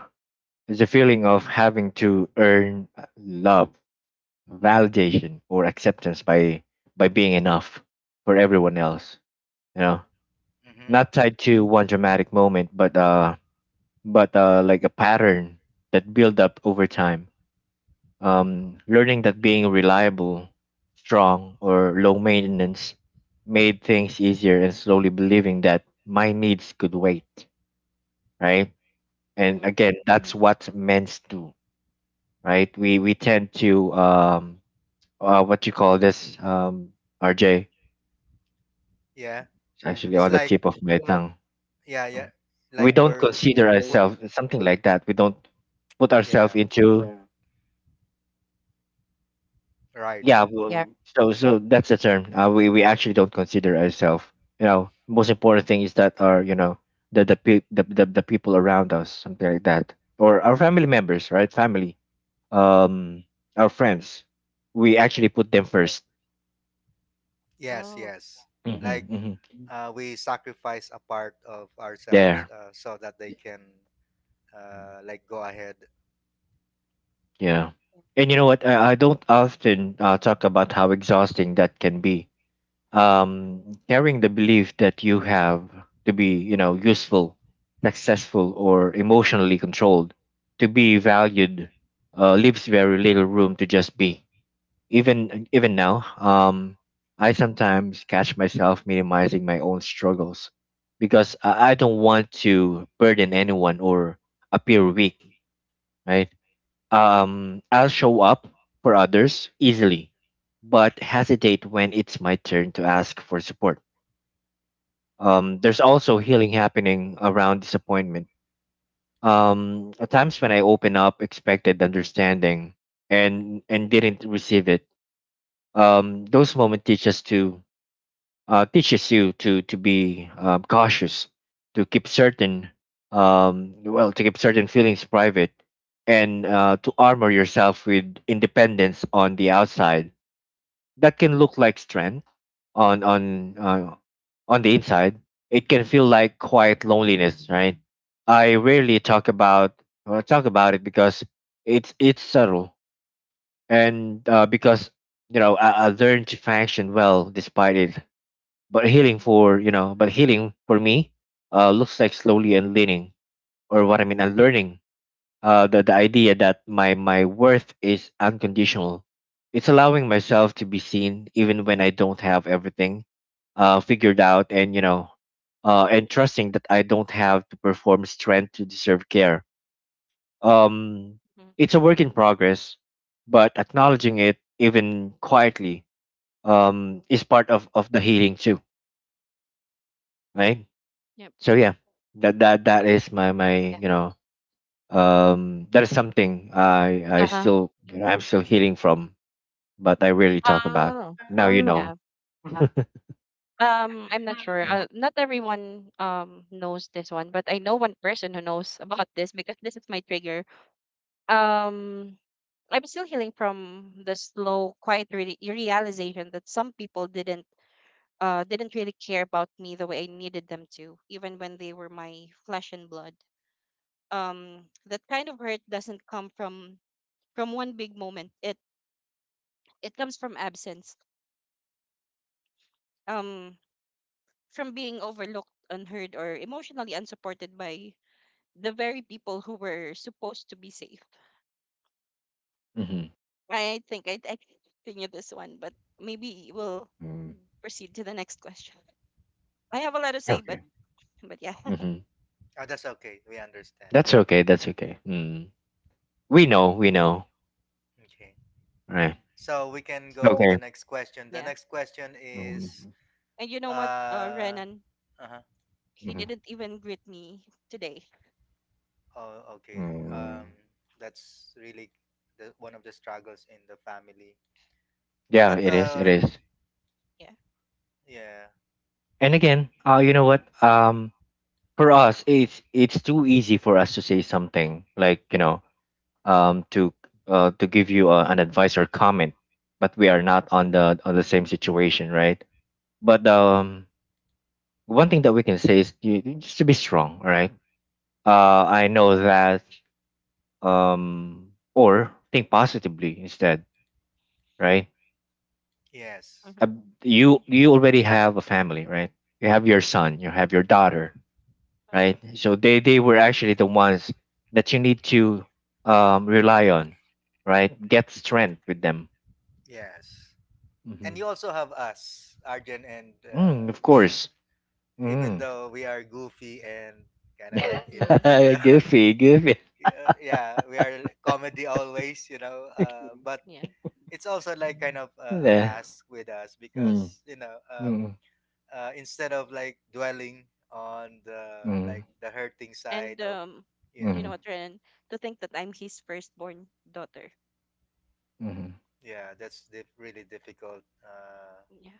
B: is the feeling of having to earn love, validation, or acceptance by by being enough for everyone else. You know, not
C: Mm-hmm.
B: tied to one dramatic moment, but uh, but uh, like a pattern that build up over time. Um, learning that being reliable, strong, or low maintenance made things easier, and slowly believing that my needs could wait, right? And
A: Mm-hmm.
B: again, that's, Mm-hmm, what men's do, right? We we tend to um uh, what you call this, um R J,
C: Yeah.
B: it's actually
C: It's
B: on the
C: like,
B: tip of my tongue.
C: yeah, yeah.
B: We
C: Like
B: don't
C: we're
B: consider
C: put.
B: ourselves something like that. We don't put ourselves
C: Yeah.
B: into.
C: Right.
B: Yeah, well,
A: Yeah.
B: so so that's the term. Uh, we we actually don't consider ourselves, you know. Most important thing is that are, you know, the the, pe- the the the people around us, something like that, or our family members, right? Family, um our friends, we actually put them first.
C: Yes,
A: Oh.
C: yes. Like
B: Mm-hmm, mm-hmm.
C: uh, we sacrifice a part of ourselves,
B: There,
C: uh, so that they can, uh, like go ahead.
B: yeah, and you know what, I, I don't often uh, talk about how exhausting that can be, um, carrying the belief that you have to be, you know useful, successful, or emotionally controlled to be valued. Uh, leaves very little room to just be. Even even now, um, I sometimes catch myself minimizing my own struggles, because i I don't want to burden anyone or appear weak, right. um, I'll show up for others easily, but hesitate when it's my turn to ask for support. Um, there's also healing happening around disappointment. Um, at times when I open up, expected understanding, and and didn't receive it. Um, those moments teach us to uh, Teaches you to to be, um, cautious, to keep certain um, well to keep certain feelings private, and uh, to armor yourself with independence on the outside. That can look like strength on on uh, on the inside. It can feel like quiet loneliness, right? I rarely talk about or talk about it because it's it's subtle, and uh, because, you know I, I learned to function well despite it. But healing for you know, but healing for me uh, looks like slowly unlearning, or what I mean, unlearning uh, the the idea that my my worth is unconditional. It's allowing myself to be seen even when I don't have everything uh, figured out, and, you know uh, and trusting that I don't have to perform strength to deserve care. Um,
A: Mm-hmm.
B: it's a work in progress, but acknowledging it, even quietly, um, is part of, of the healing too, right?
A: Yep.
B: So yeah, that that that is my my
A: Yeah.
B: you know um, that is something I I
A: Uh-huh.
B: still you know, I'm still healing from, but I rarely talk about.
A: Oh.
B: Now you know.
A: Yeah. Um, I'm not sure.
B: Yeah.
A: Uh, not everyone um knows this one, but I know one person who knows about this because this is my trigger. Um, I'm still healing from the slow, quiet re realization that some people didn't uh, didn't really care about me the way I needed them to, even when they were my flesh and blood. Um, that kind of hurt doesn't come from from one big moment. It it comes from absence, um, from being overlooked, unheard, or emotionally unsupported by the very people who were supposed to be safe.
B: Mm-hmm.
A: I think I I can continue this one, but maybe we'll
B: Mm.
A: proceed to the next question. I have a lot to say, but
B: Okay.
A: but yeah,
B: Mm-hmm.
C: Oh, that's okay. We understand.
B: That's okay. That's okay. Mm. We know, we know.
C: Okay.
B: Right.
C: So we can go to
B: Okay.
C: the next question. The
A: yeah.
C: next question is
B: Mm-hmm.
A: And you know what, uh,
C: uh
A: Renan,
C: uh-huh.
A: he didn't even greet me today.
C: Oh, okay.
B: Mm-hmm.
C: Um that's really the one of the struggles in the family.
B: Yeah,
C: But
B: it is. It
C: uh
B: is.
A: Yeah.
C: yeah.
B: And again, uh, you know what? Um, for us, it's it's too easy for us to say something like, you know, um, to uh, to give you uh, an advice or comment, but we are not on the on the same situation, right? But um, one thing that we can say is, you, you just to be strong, all right? Uh, I know that um, or think positively instead, right?
C: Yes.
B: uh,
A: Mhm.
B: you you already have a family, right? You have your son, you have your daughter,
A: Mhm.
B: right? So they they were actually the ones that you need to um, rely on, right? Get strength with them.
C: Yes. And
B: Hmm.
C: you also have us, Arjun, and
B: Mm,
C: uh,
B: of
C: me.
B: course.
C: Even
B: Mm.
C: though we are goofy and kind of like in
A: Mhm.
C: in the
B: Goofy, goofy.
C: yeah, yeah, we are comedy always, you know, uh, but
A: Yeah.
C: it's also like kind of uh, a
B: Yeah.
C: mask with us,
B: Mm,
C: because you know, um,
B: mm,
C: uh, instead of like dwelling on the,
B: mm,
C: like the hurting side
A: And
C: of,
A: um,
C: yeah,
A: you know
B: mm,
A: what, Ren? To think that I'm his firstborn daughter.
B: mm,
C: yeah, that's dif- really difficult, uh,
A: Yeah.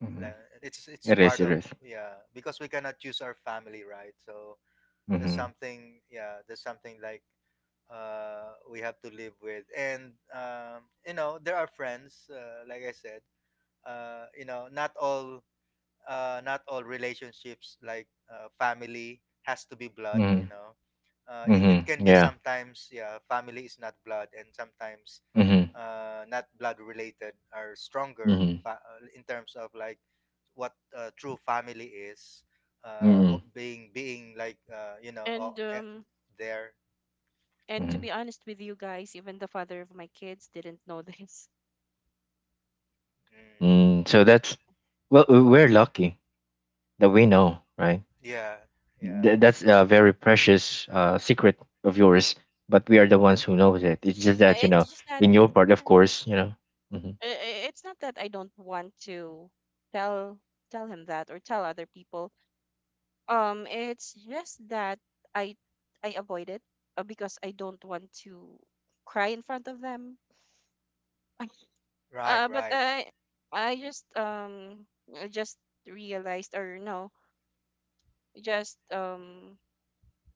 B: mm.
C: la- it's it's
B: It is.
C: part
B: It
C: of,
B: is.
C: yeah, because we cannot choose our family, right? So that's
B: Mm-hmm.
C: something, yeah, that's something like, uh we have to live with. And um you know, there are friends, uh, like I said, uh you know, not all, uh not all relationships, like uh, family has to be blood, you
B: Mm-hmm.
C: know. Uh it, it can
B: Mm-hmm.
C: be
B: Yeah.
C: sometimes, yeah, family is not blood. And sometimes
B: Mm-hmm.
C: uh not blood related are stronger,
B: Mm-hmm.
C: fa- uh, in terms of like what, uh, true family is, uh of
B: Mm-hmm.
C: being being like uh you know, uh,
A: And
C: eh,
A: um,
C: there.
A: and to
B: Mm-hmm.
A: be honest with you guys, even the father of my kids didn't know this.
C: Mm,
B: Mm, so that's well, we- we're lucky that we know, right?
C: yeah, yeah,
B: Th-
A: Yeah.
B: that's a very precious uh, secret of yours, but we are the ones who knows it. It's just
A: Uh,
B: that you know,
A: it's just that
B: in your part, of course, you know. Hmm.
A: uh, uh, it's not that I don't want to tell tell him that or tell other people. Um, it's just that I I avoid it uh, because I don't want to cry in front of them.
C: right,
A: Uh, but
C: right.
A: I I just um I just realized or no, just um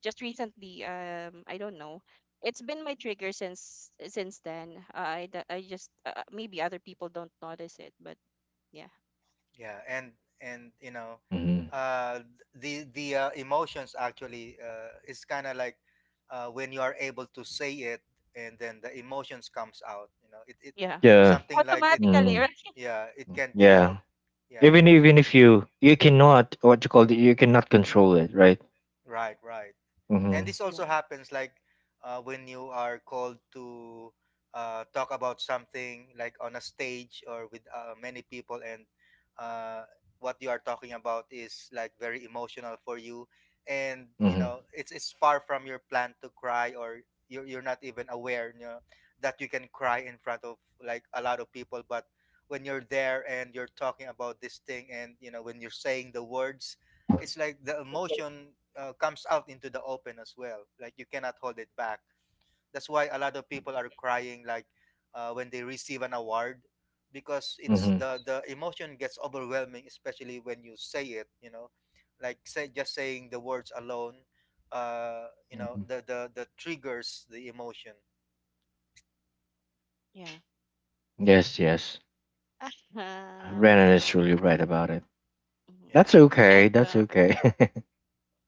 A: just recently um I don't know. It's been my trigger since since then. I d- I just uh, maybe other people don't notice it, but yeah.
C: Yeah. and and you know,
B: Hmm.
C: uh the the uh, emotions actually uh is kind of like, uh when you are able to say it, and then the emotions comes out, you know, it it
A: Yeah.
B: Yeah.
C: something like it.
A: Automatically,
B: Mm,
A: right?
C: Yeah, it can't be
B: yeah.
C: helped. Yeah,
B: Even
C: yeah,
B: even if you you cannot, what you call it, you cannot control it, right?
C: right, right. And
B: Mm-hmm.
C: this also
A: Yeah.
C: happens like, uh, when you are called to uh, talk about something like on a stage, or with uh, many people, and uh, what you are talking about is like very emotional for you, and you
B: Mm-hmm.
C: know, it's it's far from your plan to cry, or you're, you're not even aware, you know, that you can cry in front of like a lot of people. But when you're there and you're talking about this thing, and you know, when you're saying the words, it's like the emotion, uh, comes out into the open as well, like you cannot hold it back. That's why a lot of people are crying, like uh, when they receive an award, because it's
B: Mm-hmm.
C: the the emotion gets overwhelming, especially when you say it, you know, like say just saying the words alone, uh you know,
B: Hmm.
C: the the the triggers the emotion.
A: Yeah.
B: Yes. Yes.
A: Oh my
B: Renan is
A: God.
B: truly right about it.
A: Hmm.
B: That's
C: Yeah.
B: okay.
A: And
B: That's
A: uh,
B: okay.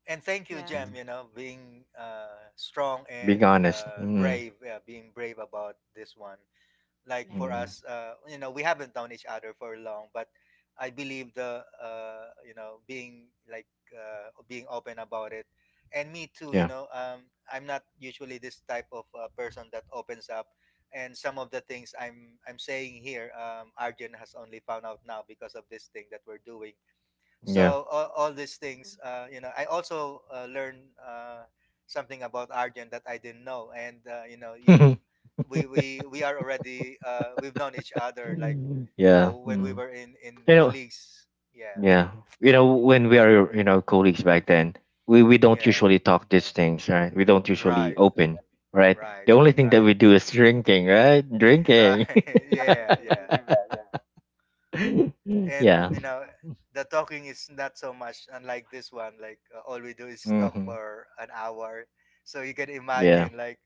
C: And thank you,
A: yeah.
C: Jem,
B: Mm.
C: you know, being uh strong
B: Being
C: and
B: honest.
C: uh
B: Mm-hmm.
C: brave, yeah, being brave about this one. Like
A: Yeah.
C: for
B: Mm-hmm.
C: us, uh, you know, we haven't known each other for long, but I believe the, uh, you know, being like uh, being open about it. And me too, you
B: Yeah.
C: know, um, I'm not usually this type of uh, person that opens up. And some of the things i'm i'm saying here, um, Arjun has only found out now because of this thing that we're doing.
B: Yeah.
C: So all, all these things,
A: Mhm.
C: uh, you know, I also uh, learned uh, something about Arjun that I didn't know. And uh, you know, you, we we we are already, uh we've known each other like uh
B: Yeah.
C: when we
B: Mm.
C: were in in
B: You know,
C: colleagues. Yeah,
B: yeah. You know, when we are, you know, colleagues back then, we, we don't
C: yeah,
B: usually talk these things, right? We don't usually
C: right,
B: open, right?
C: right,
B: The only thing that
C: right.
B: we do is drinking, right?
C: Right.
B: Drinking.
C: Yeah, yeah. And
B: Yeah.
C: you know, the talking is not so much unlike this one, like uh, all we do is talk
B: Mm-hmm.
C: for an hour. So you can
B: Yeah.
C: imagine like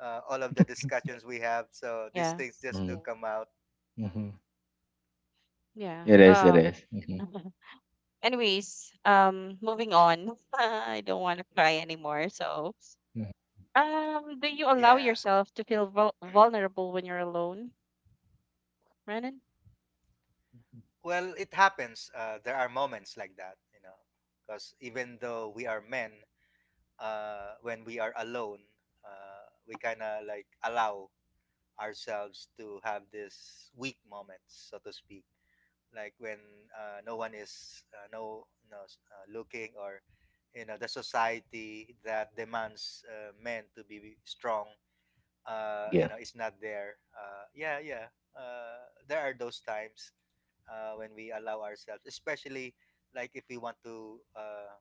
C: uh, all of the discussions we have, so these
A: Yeah.
C: things just do
B: Mm.
C: come out.
B: Mm-hmm.
A: Yeah.
B: It is. It
A: Um
B: is. Mhm.
A: Anyways, um, moving on. I don't want to cry anymore. So,
B: Mhm.
A: um, do you allow
C: Yeah,
A: yourself to feel vul vulnerable when you're alone, Renan?
C: well, it happens. Uh, there are moments like that, you know, because even though we are men, uh, when we are alone, uh, we kind of like allow ourselves to have these weak moments, so to speak. Like when uh, no one is, uh, no no uh, looking, or you know, the society that demands uh, men to be strong, uh, you
B: Yeah.
C: know, is not there. Uh, yeah, yeah. Uh, there are those times uh, when we allow ourselves, especially like if we want to. Uh,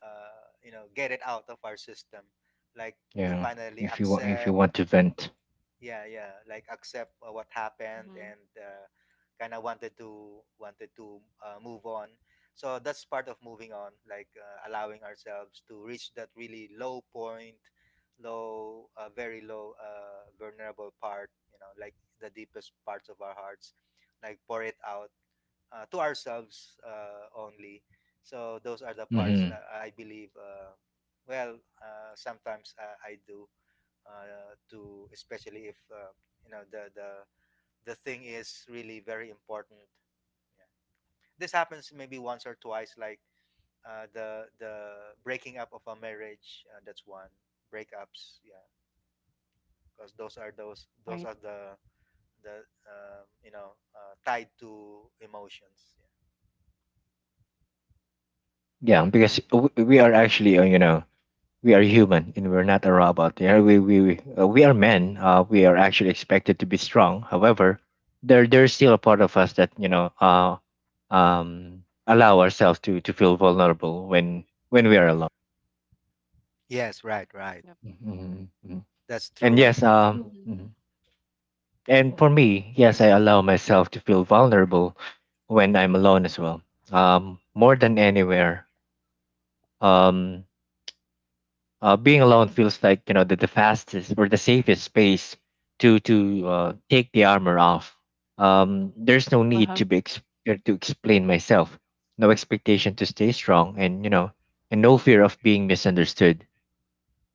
C: uh, You know, get it out of our system, like to
B: Yeah.
C: finally
B: If you want, if you
C: accept,
B: want to vent.
C: yeah, yeah, like accept uh, what happened,
A: Mm-hmm.
C: and uh, kind of wanted to, wanted to uh, move on. So that's part of moving on, like uh, allowing ourselves to reach that really low point, low, uh, very low uh, vulnerable part, you know, like the deepest parts of our hearts, like pour it out uh, to ourselves uh, only. So those are the parts
B: Mm-hmm.
C: that I believe. Uh, well, uh, sometimes uh, I do, uh, to, especially if, uh, you know, the the the thing is really very important. Yeah. This happens maybe once or twice, like uh, the the breaking up of a marriage. Uh, that's one. Breakups. Yeah, because those are, those those
A: Right.
C: are the the um, you know, uh, tied to emotions.
B: Yeah, because w- we are actually, uh, you know, we are human and we're not a robot. Yeah, we we we, uh, we are men. Uh, we are actually expected to be strong. However, there there's still a part of us that, you know uh, um, allow ourselves to to feel vulnerable when when we are alone.
C: Yeah. Yes, right, right.
A: Yep.
B: Mhm, mhm.
C: That's
B: And
C: true.
A: And
B: yes, um,
A: mm-hmm.
B: mhm. And for me, yes, I allow myself to feel vulnerable when I'm alone as well. Um, more than anywhere. Um, uh, Being alone feels like, you know the, the fastest or the safest space to to uh, take the armor off. Um, there's no need
A: Uh-huh.
B: to be ex- er, to explain myself, no expectation to stay strong, and you know, and no fear of being misunderstood.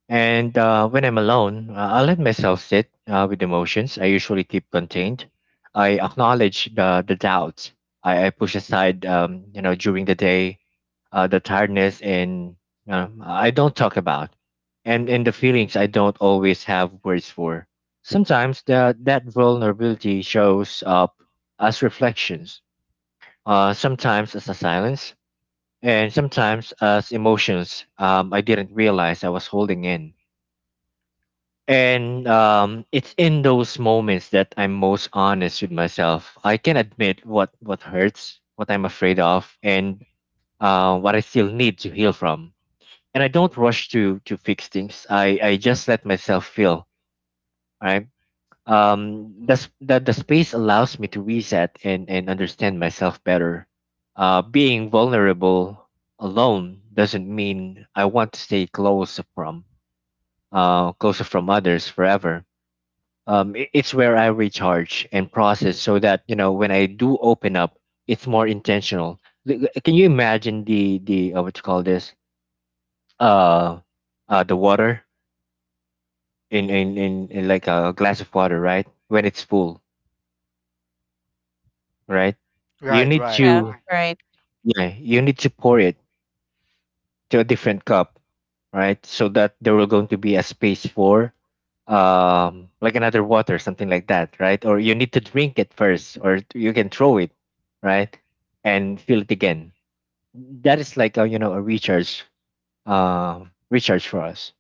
B: And uh, when I'm alone, uh, I let myself sit uh, with emotions I usually keep contained. I acknowledge the the doubts I, I push aside, um, you know, during the day uh, the tiredness and um, I don't talk about, and and the feelings I don't always have words for. Sometimes that that vulnerability shows up as reflections, uh, sometimes as a silence, and sometimes as emotions um, I didn't realize I was holding in. And
A: Mm-hmm.
B: um, it's in those moments that I'm most honest with myself. I can admit what what hurts, what I'm afraid of, and uh, what I still need to heal from, and I don't rush to to fix things. I I just let myself feel. Right. Um. That's that. The space allows me to reset and and understand myself better. Uh, being vulnerable alone doesn't mean I want to stay close from uh closer from others forever. Um, i- it's where I recharge and process, so that, you know when I do open up, it's more intentional. Like, uh, can you imagine the the uh, what you call this? Uh, uh, the water in in in, in like a glass of water, right? When it's full, right? You
C: Right,
B: need
C: right.
A: Yeah.
B: to.
A: Right.
B: Right. Yeah, you need to pour it to a different cup, right? So that there will going to be a space for um like another water, something like that, right? Or you need to drink it first, or you can throw it, right? And fill it again. That is like a you know a recharge um recharge for us,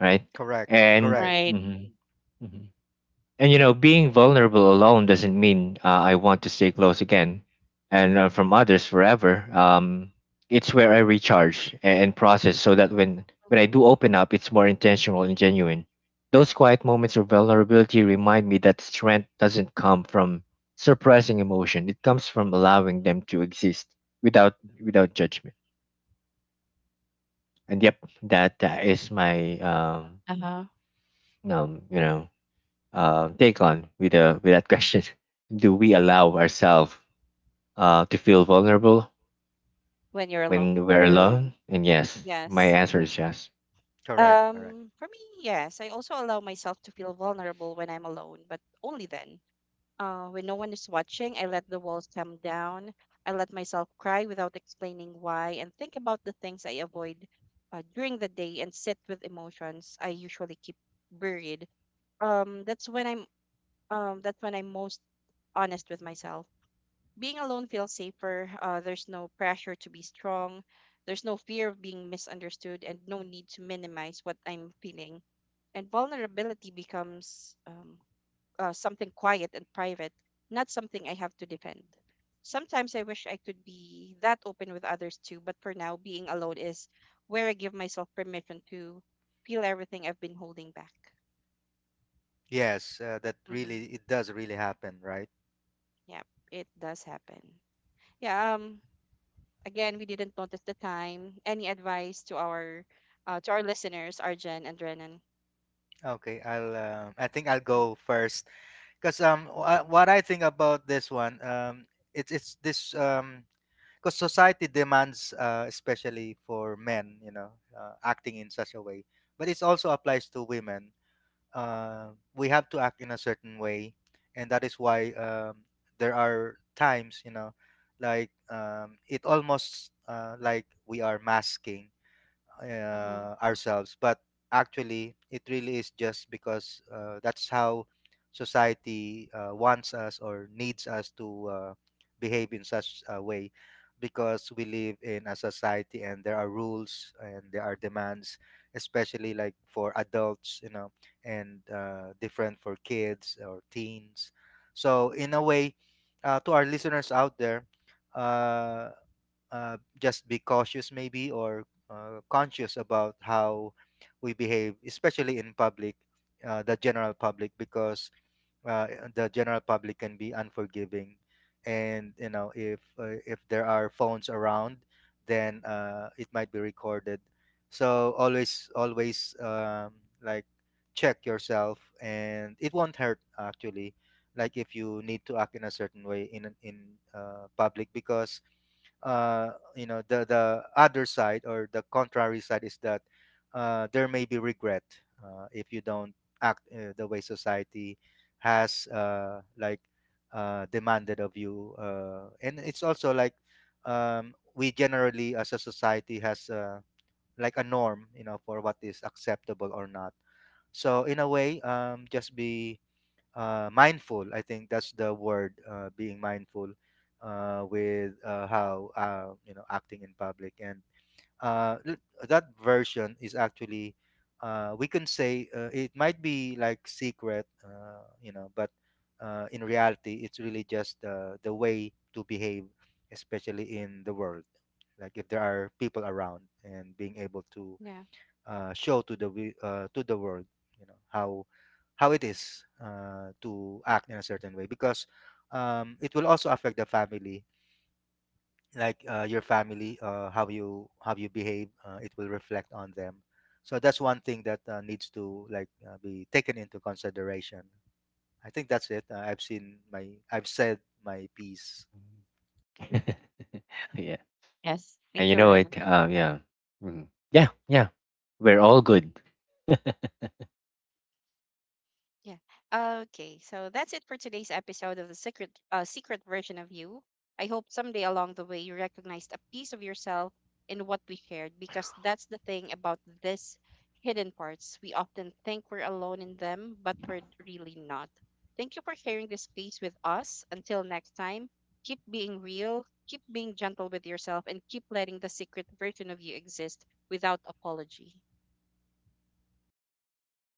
B: right?
C: Correct,
B: And.
C: correct,
A: Right.
B: Mhm. Mhm, mhm. And, you know, being vulnerable alone doesn't mean uh, I want to stay close again and uh, from others forever. Um, it's where I recharge a- and process, so that when when I
A: Mm-hmm.
B: do open up, it's more intentional and genuine. Those quiet moments of vulnerability remind me that strength doesn't come from suppressing emotion. It comes from allowing them to exist without without judgment. And yep, that, that is my um,
A: Uh-huh.
B: um you know uh, take on with uh, with that question. Do we
A: Yeah.
B: allow ourselves uh, to feel vulnerable
A: When you're alone.
B: when we're alone? And yes, my
A: Yes.
B: answer is yes.
C: correct, correct.
A: Um, for me, yes. I also allow myself to feel vulnerable when I'm alone, but only then. Uh, when no one is watching, I let the walls come down. I let myself cry without explaining why and think about the things I avoid uh, during the day and sit with emotions I usually keep buried. Um, that's when I'm um, that's when I'm most honest with myself. Being alone feels safer. Uh, there's no pressure to be strong. There's no fear of being misunderstood and no need to minimize what I'm feeling. And vulnerability becomes um, uh, something quiet and private, not something I have to defend. Sometimes I wish I could be that open with others too, but for now, being alone is where I give myself permission to feel everything I've been holding back.
C: Yes, uh, that
A: Mm-hmm.
C: really, it does really happen, right?
A: Yeah, it does happen. Yeah. Um. Again, we didn't notice the time. Any advice to our uh, to our listeners, Arjen and Renan?
C: Okay, I'll um I think I'll
A: Uh,
C: go first because um wha- what I think about this one, um it's it's this, um because society demands, uh, especially for men, you know, uh, acting in such a way, but it also applies to women. uh, we have to act in a certain way, and that is why, um, there are times, you know, like, um, it almost, uh, like we are masking
A: mm-hmm.
C: uh, ourselves, but actually it really is just because, uh, that's how society, uh, wants us or needs us to, uh, behave in such a way, because we live in a society, and there are rules and there are demands, especially like for adults, you know, and uh, different for kids or teens. So in a way, uh, to our listeners out there, uh, uh, just be cautious, maybe, or uh, conscious about how we behave, especially in public, uh, the general public. Because uh, the general public can be unforgiving, and you know, if uh, if there are phones around, then uh, it might be recorded. So always, always, um, like check yourself. And it won't hurt actually, like if you need to act in a certain way in an- in uh, public, because uh, you know, the the other side or the contrary side is that uh, there may be regret uh, if you don't act uh, the way society has, uh, like uh, demanded of you. Uh, and it's also like, um, we generally as a society has, uh, like a norm, you know, for what is acceptable or not. So in a way, um, just be uh, mindful, I think that's the word, uh, being mindful uh, with uh, how, uh, you know, acting in public. And uh, l- that version is actually, uh, we can say, uh, it might be like secret, uh, you know, but uh, in reality, it's really just uh, the way to behave, especially in the world, like if there are people around, and being able to
A: Yeah.
C: uh, show to the wi- uh, to the world, you know, how how it is, uh, to act in a certain way, because um, it will also affect the family, like uh, your family, uh, how you how you behave, uh, it will reflect on them. So that's one thing that uh, needs to like uh, be taken into consideration. I think that's it. uh, i've seen my I've said my piece.
B: Yeah,
A: Yes.
B: and
A: Thank
B: you
A: you,
B: know
A: Renan.
B: it. Uh, yeah. Mhm. Yeah, yeah. We're all good.
A: Yeah. Okay. So that's it for today's episode of the secret uh, secret version of you. I hope someday along the way you recognized a piece of yourself in what we shared because that's the thing about this hidden parts. We often think we're alone in them, but we're really not. Thank you for sharing this space with us. Until next time, keep being real, keep being gentle with yourself and keep letting the secret version of you exist without apology.